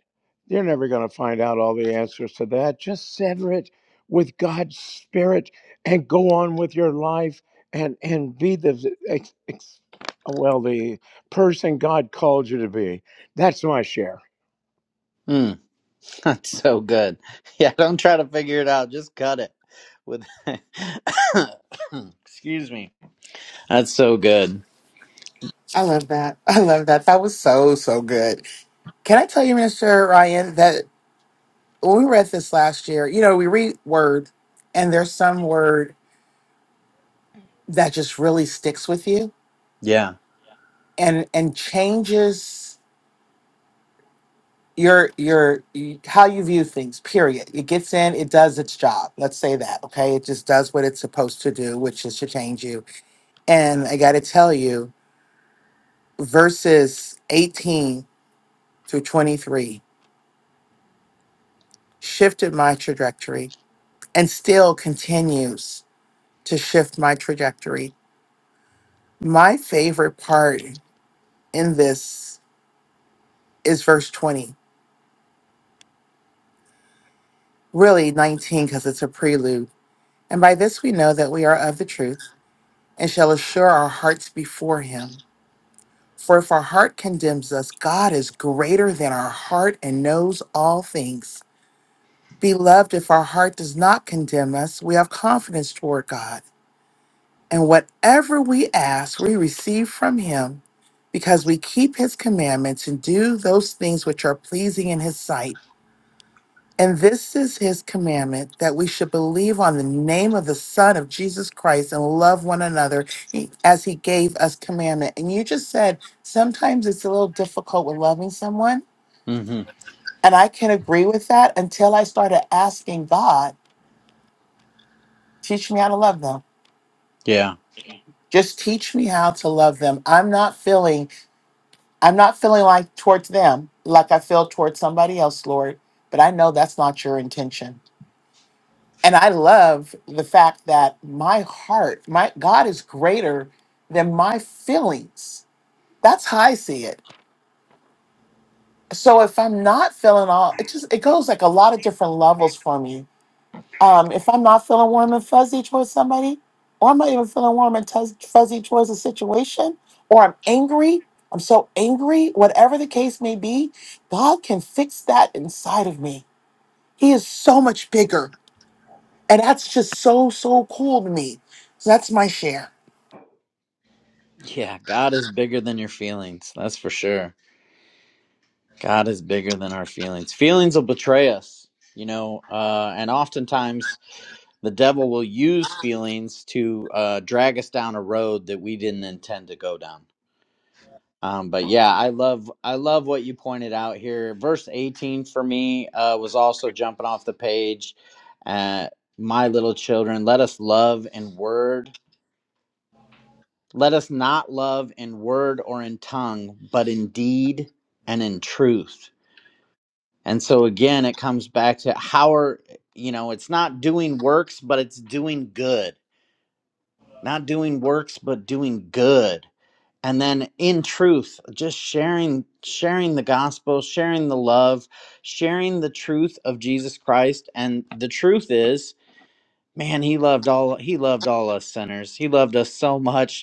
[SPEAKER 6] you're never going to find out all the answers to that. Just sever it with God's Spirit and go on with your life and, and be the, ex, ex, well, the person God called you to be. That's my share.
[SPEAKER 1] Mm, that's so good. Yeah, don't try to figure it out. Just cut it with. excuse me That's so good.
[SPEAKER 2] I love that. I love that. That was so, so good. Can I tell you, Mr. Ryan, that when we read this last year, you know, we read word and there's some word that just really sticks with you
[SPEAKER 1] Yeah.
[SPEAKER 2] and and changes your your how you view things period it gets in it does its job let's say that okay it just does what it's supposed to do which is to change you and i got to tell you verses 18 through 23 shifted my trajectory and still continues to shift my trajectory. My favorite part in this is verse 20, really 19, because it's a prelude. And by this we know that we are of the truth and shall assure our hearts before him. For if our heart condemns us, God is greater than our heart and knows all things. Beloved, if our heart does not condemn us, we have confidence toward God. And whatever we ask, we receive from him because we keep his commandments and do those things which are pleasing in his sight. And this is his commandment that we should believe on the name of the Son of Jesus Christ and love one another e- as he gave us commandment. And you just said sometimes it's a little difficult with loving someone.
[SPEAKER 1] hmm
[SPEAKER 2] And I can agree with that until I started asking God, teach me how to love them.
[SPEAKER 1] Yeah.
[SPEAKER 2] Just teach me how to love them. I'm not feeling I'm not feeling like towards them like I feel towards somebody else, Lord, but I know that's not your intention. And I love the fact that my heart, my God is greater than my feelings. That's how I see it. So if I'm not feeling all, it just it goes like a lot of different levels for me Um, if I'm not feeling warm and fuzzy towards somebody, or I'm not even feeling warm and tuz- fuzzy towards a situation, or I'm angry, I'm so angry, whatever the case may be, God can fix that inside of me. He is so much bigger. And that's just so, so cool to me. So that's my share.
[SPEAKER 1] Yeah. God is bigger than your feelings. That's for sure. God is bigger than our feelings. Feelings will betray us, you know, uh, and oftentimes the devil will use feelings to uh, drag us down a road that we didn't intend to go down. Um, but yeah, I love I love what you pointed out here. Verse eighteen for me uh, was also jumping off the page. Uh, My little children, let us love in word Let us not love in word or in tongue, but in deed and in truth. And so again, it comes back to how are, you know, it's not doing works, but it's doing good. Not doing works, but doing good. And then in truth, just sharing, sharing the gospel, sharing the love, sharing the truth of Jesus Christ. And the truth is, man, he loved all, he loved all us sinners. He loved us so much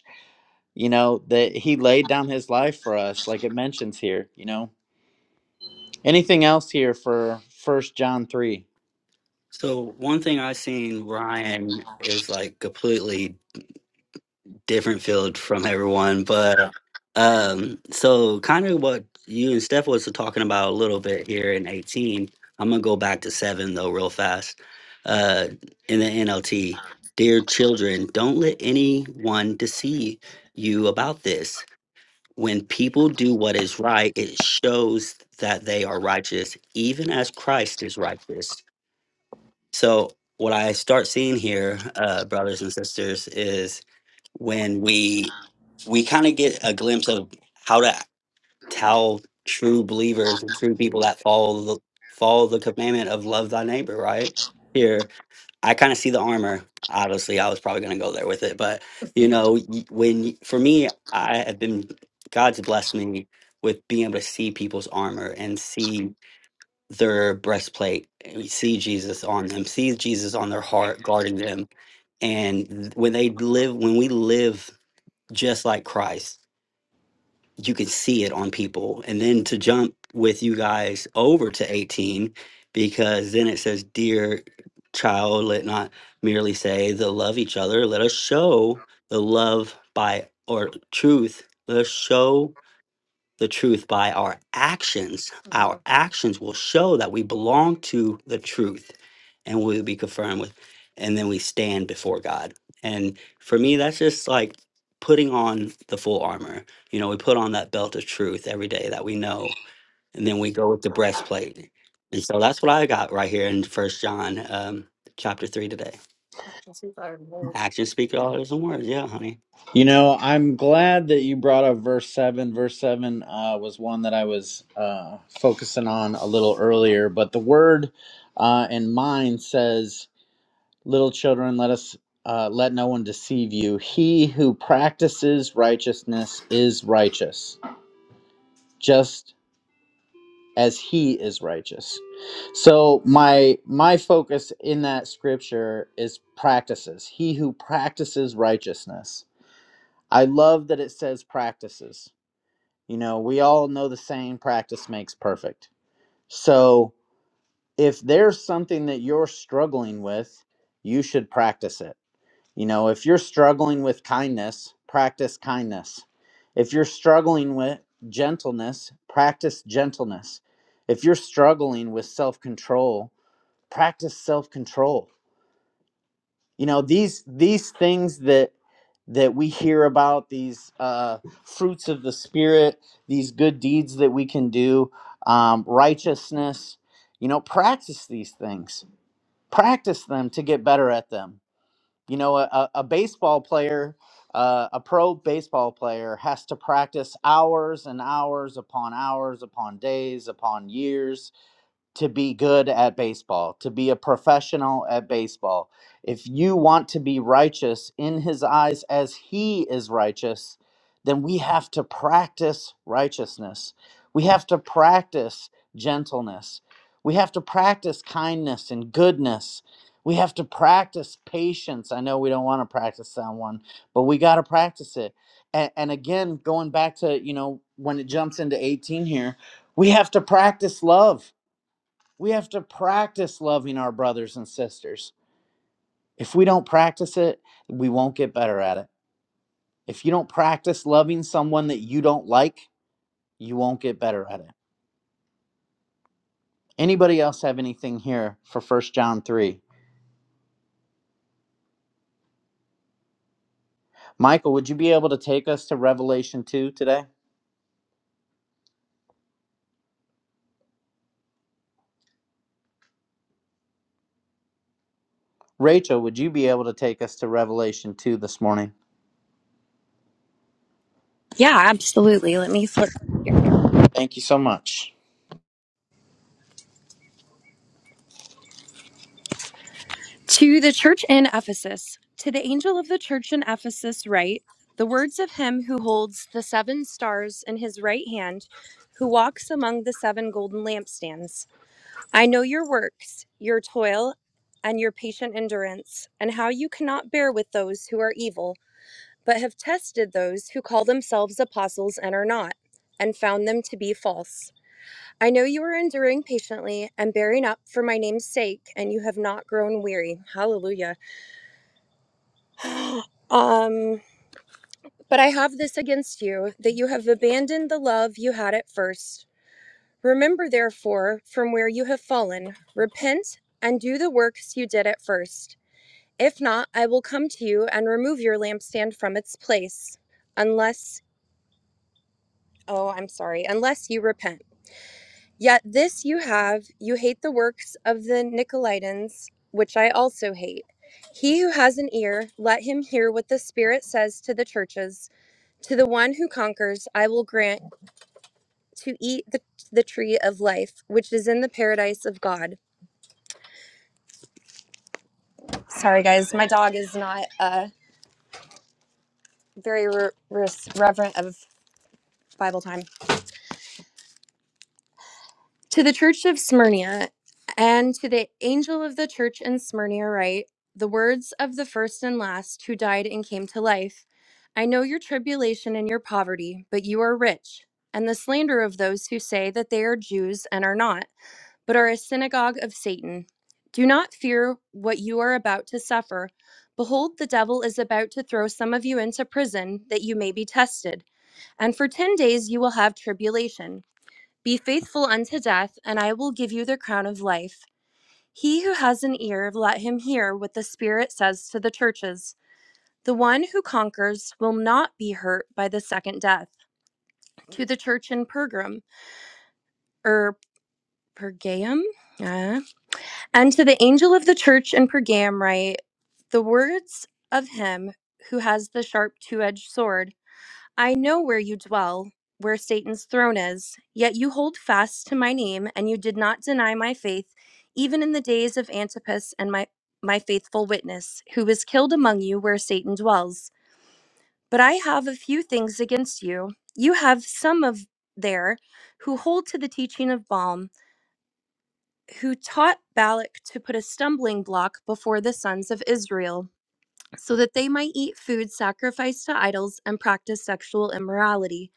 [SPEAKER 1] you know that he laid down his life for us like it mentions here you know anything else here for first john 3
[SPEAKER 5] So one thing I've seen Ryan is like completely different field from everyone, but um, so kind of what you and Steph was talking about a little bit here in 18. I'm gonna go back to seven though, real fast. Uh, in the NLT, dear children, don't let anyone deceive you about this when people do what is right, it shows that they are righteous, even as Christ is righteous. So, what I start seeing here, uh, brothers and sisters, is when we we kind of get a glimpse of how to tell true believers and true people that follow the follow the commandment of love thy neighbor, right? Here, I kind of see the armor. Obviously, I was probably going to go there with it, but you know, y- when y- for me, I have been God's blessed me with being able to see people's armor and see their breastplate, and see Jesus on them, see Jesus on their heart guarding them, and th- when they live, when we live just like Christ you could see it on people. And then to jump with you guys over to 18, because then it says, Dear child, let not merely say the love each other, let us show the love by or truth. Let us show the truth by our actions. Our Mhm. actions will show that we belong to the truth and we'll be confirmed with, and then we stand before God. And for me, that's just like putting on the full armor. You know, we put on that belt of truth every day that we know, and then we go with the breastplate. And so that's what I got right here in First John um, chapter three today. Actions speak louder than words. Actions speak louder than words. Yeah, honey.
[SPEAKER 1] you know i'm glad that you brought up verse 7 verse 7 uh, was one that i was uh, focusing on a little earlier but the word uh, in mine says little children let us uh, let no one deceive you he who practices righteousness is righteous just as he is righteous. So my my focus in that scripture is practices. He who practices righteousness. I love that it says practices. You know, we all know the saying practice makes perfect. So if there's something that you're struggling with, you should practice it you know, if you're struggling with kindness, practice kindness. If you're struggling with gentleness, practice gentleness. If you're struggling with self-control, practice self-control. You know, these these things that that we hear about these uh, fruits of the spirit, these good deeds that we can do, um, righteousness. You know, practice these things. Practice them to get better at them you know, a, a baseball player, uh, a pro baseball player has to practice hours and hours upon hours upon days upon years to be good at baseball, to be a professional at baseball. If you want to be righteous in his eyes as he is righteous, then we have to practice righteousness. We have to practice gentleness. We have to practice kindness and goodness. We have to practice patience. I know we don't want to practice that one, but we got to practice it. And, and again, going back to, you know, when it jumps into 18 here, we have to practice love we have to practice loving our brothers and sisters. If we don't practice it, we won't get better at it. If you don't practice loving someone that you don't like, you won't get better at it. Anybody else have anything here for First John 3? Michael, would you be able to take us to Revelation 2 today? Rachel, would you be able to take us to Revelation 2 this morning?
[SPEAKER 9] Yeah, absolutely. Let me flip. here.
[SPEAKER 1] Thank you so much.
[SPEAKER 9] To the church in Ephesus, to the angel of the church in Ephesus, write the words of him who holds the seven stars in his right hand, who walks among the seven golden lampstands. I know your works, your toil, and your patient endurance, and how you cannot bear with those who are evil, but have tested those who call themselves apostles and are not, and found them to be false. I know you are enduring patiently and bearing up for my name's sake, and you have not grown weary. Hallelujah. Um, but I have this against you that you have abandoned the love you had at first. Remember, therefore, from where you have fallen, repent and do the works you did at first. If not, I will come to you and remove your lampstand from its place, unless, oh, I'm sorry, unless you repent. Yet this you have, you hate the works of the Nicolaitans, which I also hate. He who has an ear, let him hear what the Spirit says to the churches. To the one who conquers, I will grant to eat the, the tree of life, which is in the paradise of God. Sorry, guys, my dog is not uh, very re- res- reverent of Bible time. To the church of Smyrna and to the angel of the church in Smyrna, write the words of the first and last who died and came to life. I know your tribulation and your poverty, but you are rich, and the slander of those who say that they are Jews and are not but are a synagogue of Satan. Do not fear what you are about to suffer. Behold, the devil is about to throw some of you into prison that you may be tested, and for ten days you will have tribulation. Be faithful unto death, and I will give you the crown of life. He who has an ear, let him hear what the Spirit says to the churches. The one who conquers will not be hurt by the second death. To the church in Pergam, or Pergaum, uh, And to the angel of the church in Pergam write the words of him who has the sharp two edged sword I know where you dwell, where Satan's throne is, yet you hold fast to my name, and you did not deny my faith, even in the days of Antipas and my, my faithful witness, who was killed among you where Satan dwells. But I have a few things against you. You have some of there who hold to the teaching of Balaam who taught Balak to put a stumbling block before the sons of Israel, so that they might eat food sacrificed to idols and practice sexual immorality.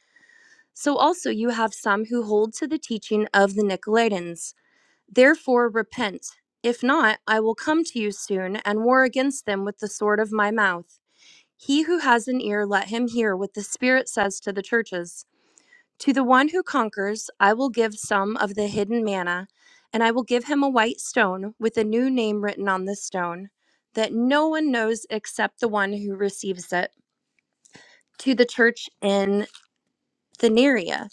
[SPEAKER 9] So also you have some who hold to the teaching of the Nicolaitans. Therefore repent. If not, I will come to you soon and war against them with the sword of my mouth. He who has an ear, let him hear what the Spirit says to the churches. To the one who conquers, I will give some of the hidden manna, and I will give him a white stone with a new name written on the stone that no one knows except the one who receives it. To the church in Thyatira,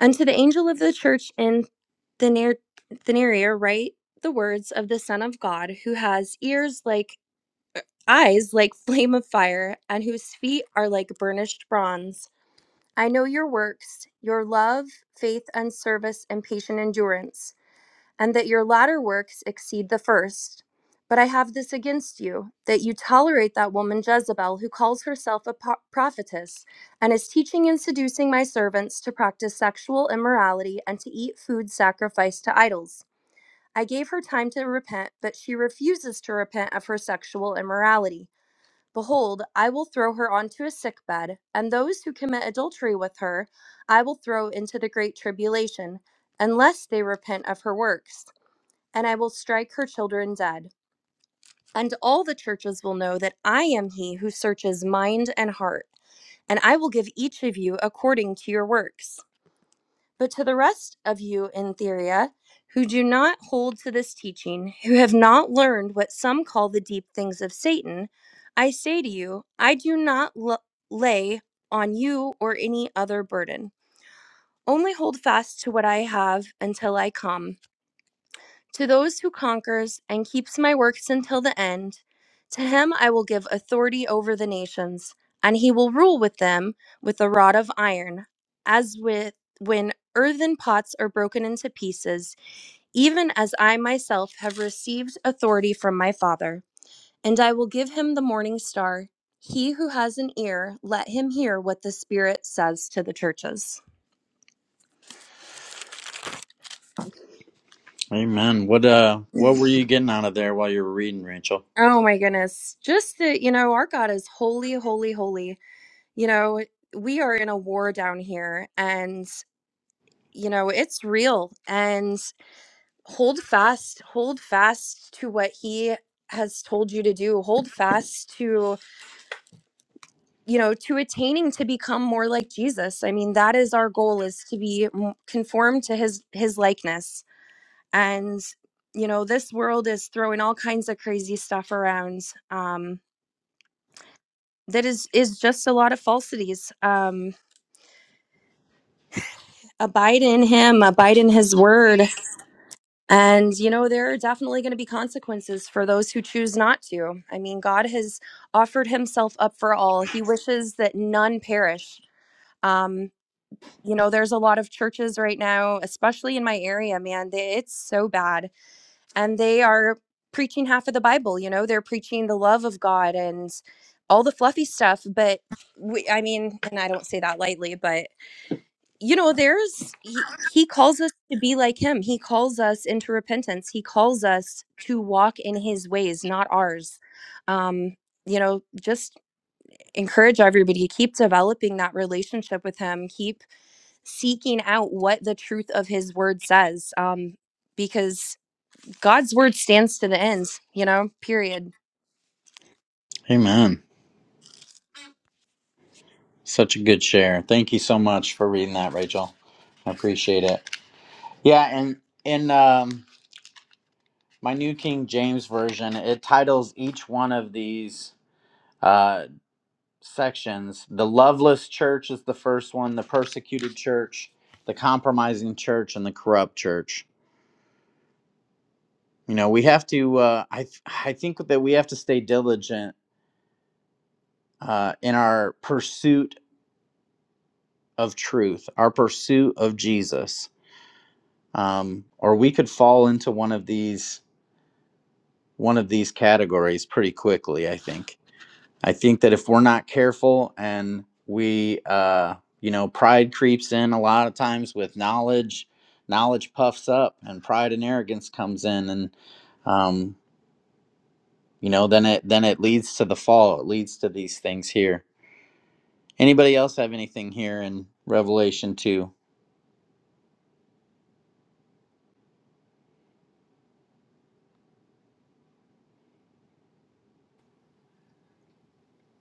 [SPEAKER 9] and to the angel of the church in Thyner- Thyatira, write the words of the Son of God, who has ears like eyes like flame of fire, and whose feet are like burnished bronze. I know your works, your love, faith, and service, and patient endurance, and that your latter works exceed the first. But I have this against you, that you tolerate that woman Jezebel, who calls herself a po- prophetess, and is teaching and seducing my servants to practice sexual immorality and to eat food sacrificed to idols. I gave her time to repent, but she refuses to repent of her sexual immorality. Behold, I will throw her onto a sick bed, and those who commit adultery with her I will throw into the great tribulation, unless they repent of her works, and I will strike her children dead. And all the churches will know that I am he who searches mind and heart, and I will give each of you according to your works. But to the rest of you in Theria, who do not hold to this teaching, who have not learned what some call the deep things of Satan, I say to you, I do not l- lay on you or any other burden. Only hold fast to what I have until I come. To those who conquers and keeps my works until the end, to him I will give authority over the nations, and he will rule with them with a rod of iron, as with when earthen pots are broken into pieces, even as I myself have received authority from my Father. And I will give him the morning star. He who has an ear, let him hear what the Spirit says to the churches.
[SPEAKER 1] Amen. What uh what were you getting out of there while you were reading, Rachel?
[SPEAKER 9] Oh my goodness. Just that, you know, our God is holy, holy, holy You know, we are in a war down here and, you know, it's real. And hold fast, hold fast to what he has told you to do. Hold fast to, you know, to attaining to become more like Jesus. I mean, that is our goal is to be m- conformed to his his likeness. And you know, this world is throwing all kinds of crazy stuff around. Um that is is just a lot of falsities. Um abide in him abide in his word And, you know, there are definitely going to be consequences for those who choose not to. I mean, God has offered himself up for all, he wishes that none perish. Um, you know, there's a lot of churches right now, especially in my area, man, they, it's so bad. And they are preaching half of the Bible, you know, they're preaching the love of God and all the fluffy stuff. But we, I mean, and I don't say that lightly, but you know there's he, he calls us to be like him he calls us into repentance he calls us to walk in his ways not ours um you know just encourage everybody to keep developing that relationship with him keep seeking out what the truth of his word says um because god's word stands to the end you know period
[SPEAKER 1] Amen. Such a good share. Thank you so much for reading that, Rachel. I appreciate it. Yeah, and in um, my New King James Version, it titles each one of these uh, sections The Loveless Church is the first one, the persecuted church, the compromising church, and the corrupt church. You know, we have to, uh, I, th- I think that we have to stay diligent uh, in our pursuit of truth, our pursuit of Jesus um, or we could fall into one of these one of these categories pretty quickly. I think. I think that if we're not careful and we, uh, you know, pride creeps in a lot of times with knowledge. Knowledge puffs up, and pride and arrogance comes in, and um, you know, then it then it leads to the fall. It leads to these things here. Anybody else have anything here in Revelation two?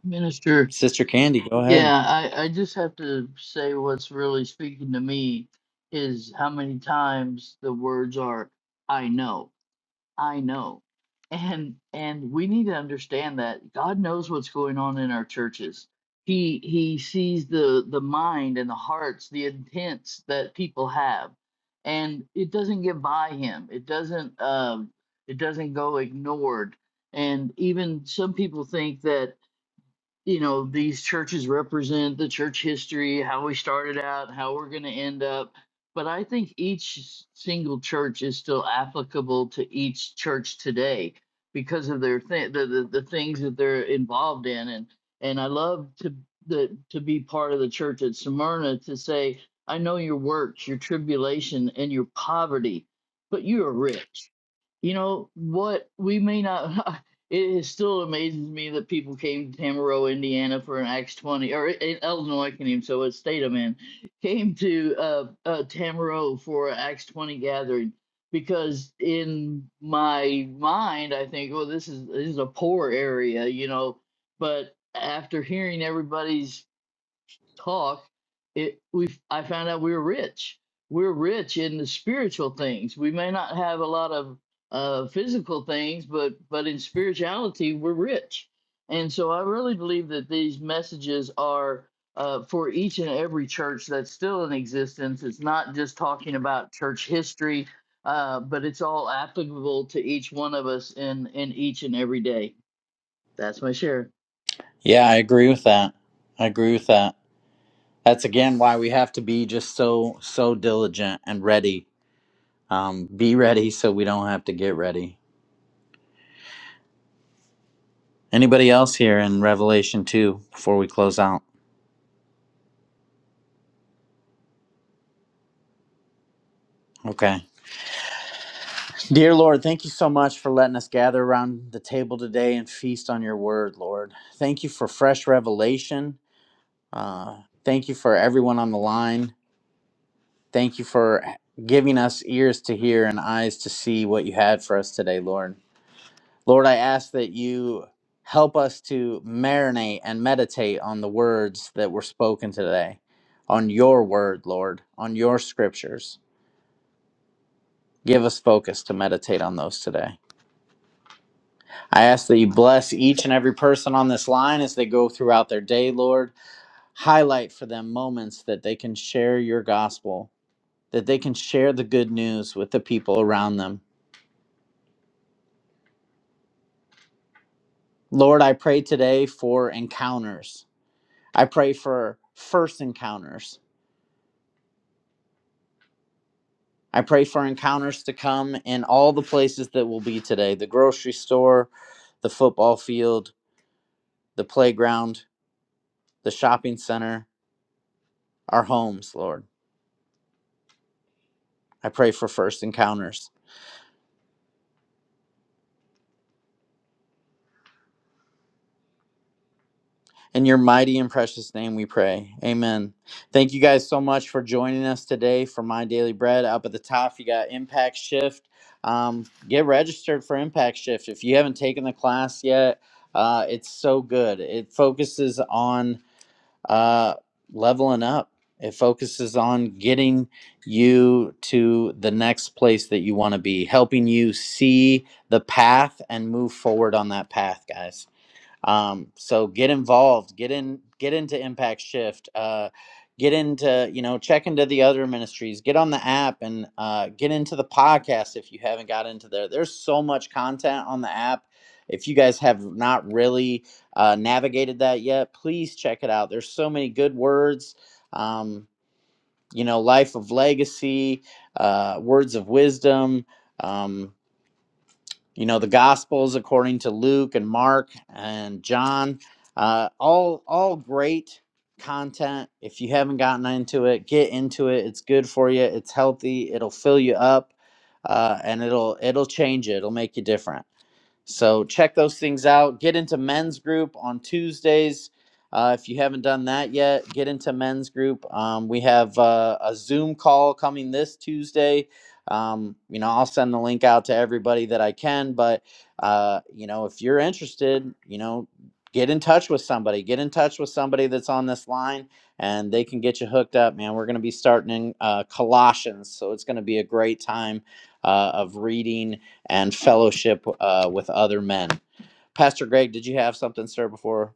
[SPEAKER 4] Minister,
[SPEAKER 1] Sister Candy, go ahead.
[SPEAKER 4] yeah, I, I just have to say what's really speaking to me is how many times the words are, I know. I know. And and we need to understand that God knows what's going on in our churches. He he sees the the mind and the hearts, the intents that people have. And it doesn't get by him. It doesn't um it doesn't go ignored. And even some people think that you know these churches represent the church history how we started out how we're going to end up but i think each s- single church is still applicable to each church today because of their th- the, the the things that they're involved in and and i love to the to be part of the church at smyrna to say i know your works your tribulation and your poverty but you are rich you know what we may not it is still amazes me that people came to tamaro indiana for an acts 20 or in illinois I can not even say what state i'm in came to uh, uh tamaro for an acts 20 gathering because in my mind i think well this is this is a poor area you know but after hearing everybody's talk, it we I found out we're rich. We're rich in the spiritual things. We may not have a lot of uh, physical things, but but in spirituality, we're rich. And so I really believe that these messages are uh, for each and every church that's still in existence. It's not just talking about church history, uh, but it's all applicable to each one of us in in each and every day. That's my share.
[SPEAKER 1] Yeah, I agree with that. I agree with that. That's again why we have to be just so so diligent and ready. Um, be ready so we don't have to get ready. Anybody else here in Revelation two before we close out? Okay. Dear Lord, thank you so much for letting us gather around the table today and feast on your word, Lord. Thank you for fresh revelation. Uh, thank you for everyone on the line. Thank you for giving us ears to hear and eyes to see what you had for us today, Lord. Lord, I ask that you help us to marinate and meditate on the words that were spoken today, on your word, Lord, on your scriptures. Give us focus to meditate on those today. I ask that you bless each and every person on this line as they go throughout their day, Lord. Highlight for them moments that they can share your gospel, that they can share the good news with the people around them. Lord, I pray today for encounters. I pray for first encounters I pray for encounters to come in all the places that will be today the grocery store, the football field, the playground, the shopping center, our homes, Lord. I pray for first encounters. In your mighty and precious name we pray. Amen. Thank you guys so much for joining us today for My Daily Bread. Up at the top, you got Impact Shift. Um, get registered for Impact Shift. If you haven't taken the class yet, uh, it's so good. It focuses on uh, leveling up. It focuses on getting you to the next place that you want to be, helping you see the path and move forward on that path, guys um, so get involved get in get into impact shift uh, get into you know check into the other ministries get on the app and uh, get into the podcast if you haven't got into there there's so much content on the app if you guys have not really uh, navigated that yet please check it out there's so many good words um, you know life of legacy uh, words of wisdom um, you know the gospels according to luke and mark and john uh, all all great content if you haven't gotten into it get into it it's good for you it's healthy it'll fill you up uh, and it'll it'll change you it'll make you different so check those things out. Get into men's group on Tuesdays. Uh, if you haven't done that yet, get into men's group. Um, we have uh, a Zoom call coming this Tuesday. Um, you know, I'll send the link out to everybody that I can. But uh, you know, if you're interested, you know, get in touch with somebody. Get in touch with somebody that's on this line, and they can get you hooked up, man. We're going to be starting in uh, Colossians, so it's going to be a great time uh, of reading and fellowship uh, with other men. Pastor Greg, did you have something, sir, before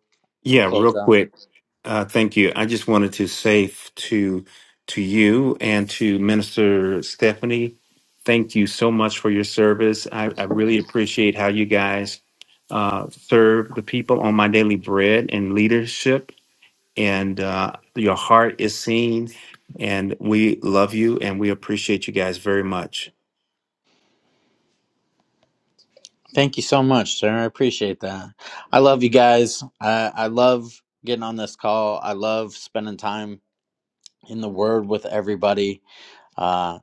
[SPEAKER 1] we
[SPEAKER 11] Yeah,
[SPEAKER 1] close
[SPEAKER 11] real
[SPEAKER 1] out?
[SPEAKER 11] quick. Uh, thank you. I just wanted to say f- to to you and to Minister Stephanie, thank you so much for your service. I, I really appreciate how you guys uh, serve the people on my daily bread and leadership and uh, your heart is seen. And we love you and we appreciate you guys very much.
[SPEAKER 1] Thank you so much, sir. I appreciate that. I love you guys. I, I love getting on this call. I love spending time in the Word with everybody. Uh,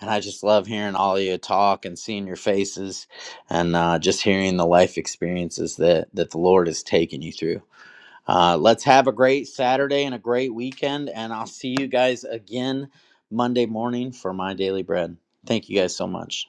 [SPEAKER 1] and I just love hearing all of you talk and seeing your faces and uh, just hearing the life experiences that, that the Lord has taken you through. Uh, let's have a great Saturday and a great weekend. And I'll see you guys again Monday morning for my daily bread. Thank you guys so much.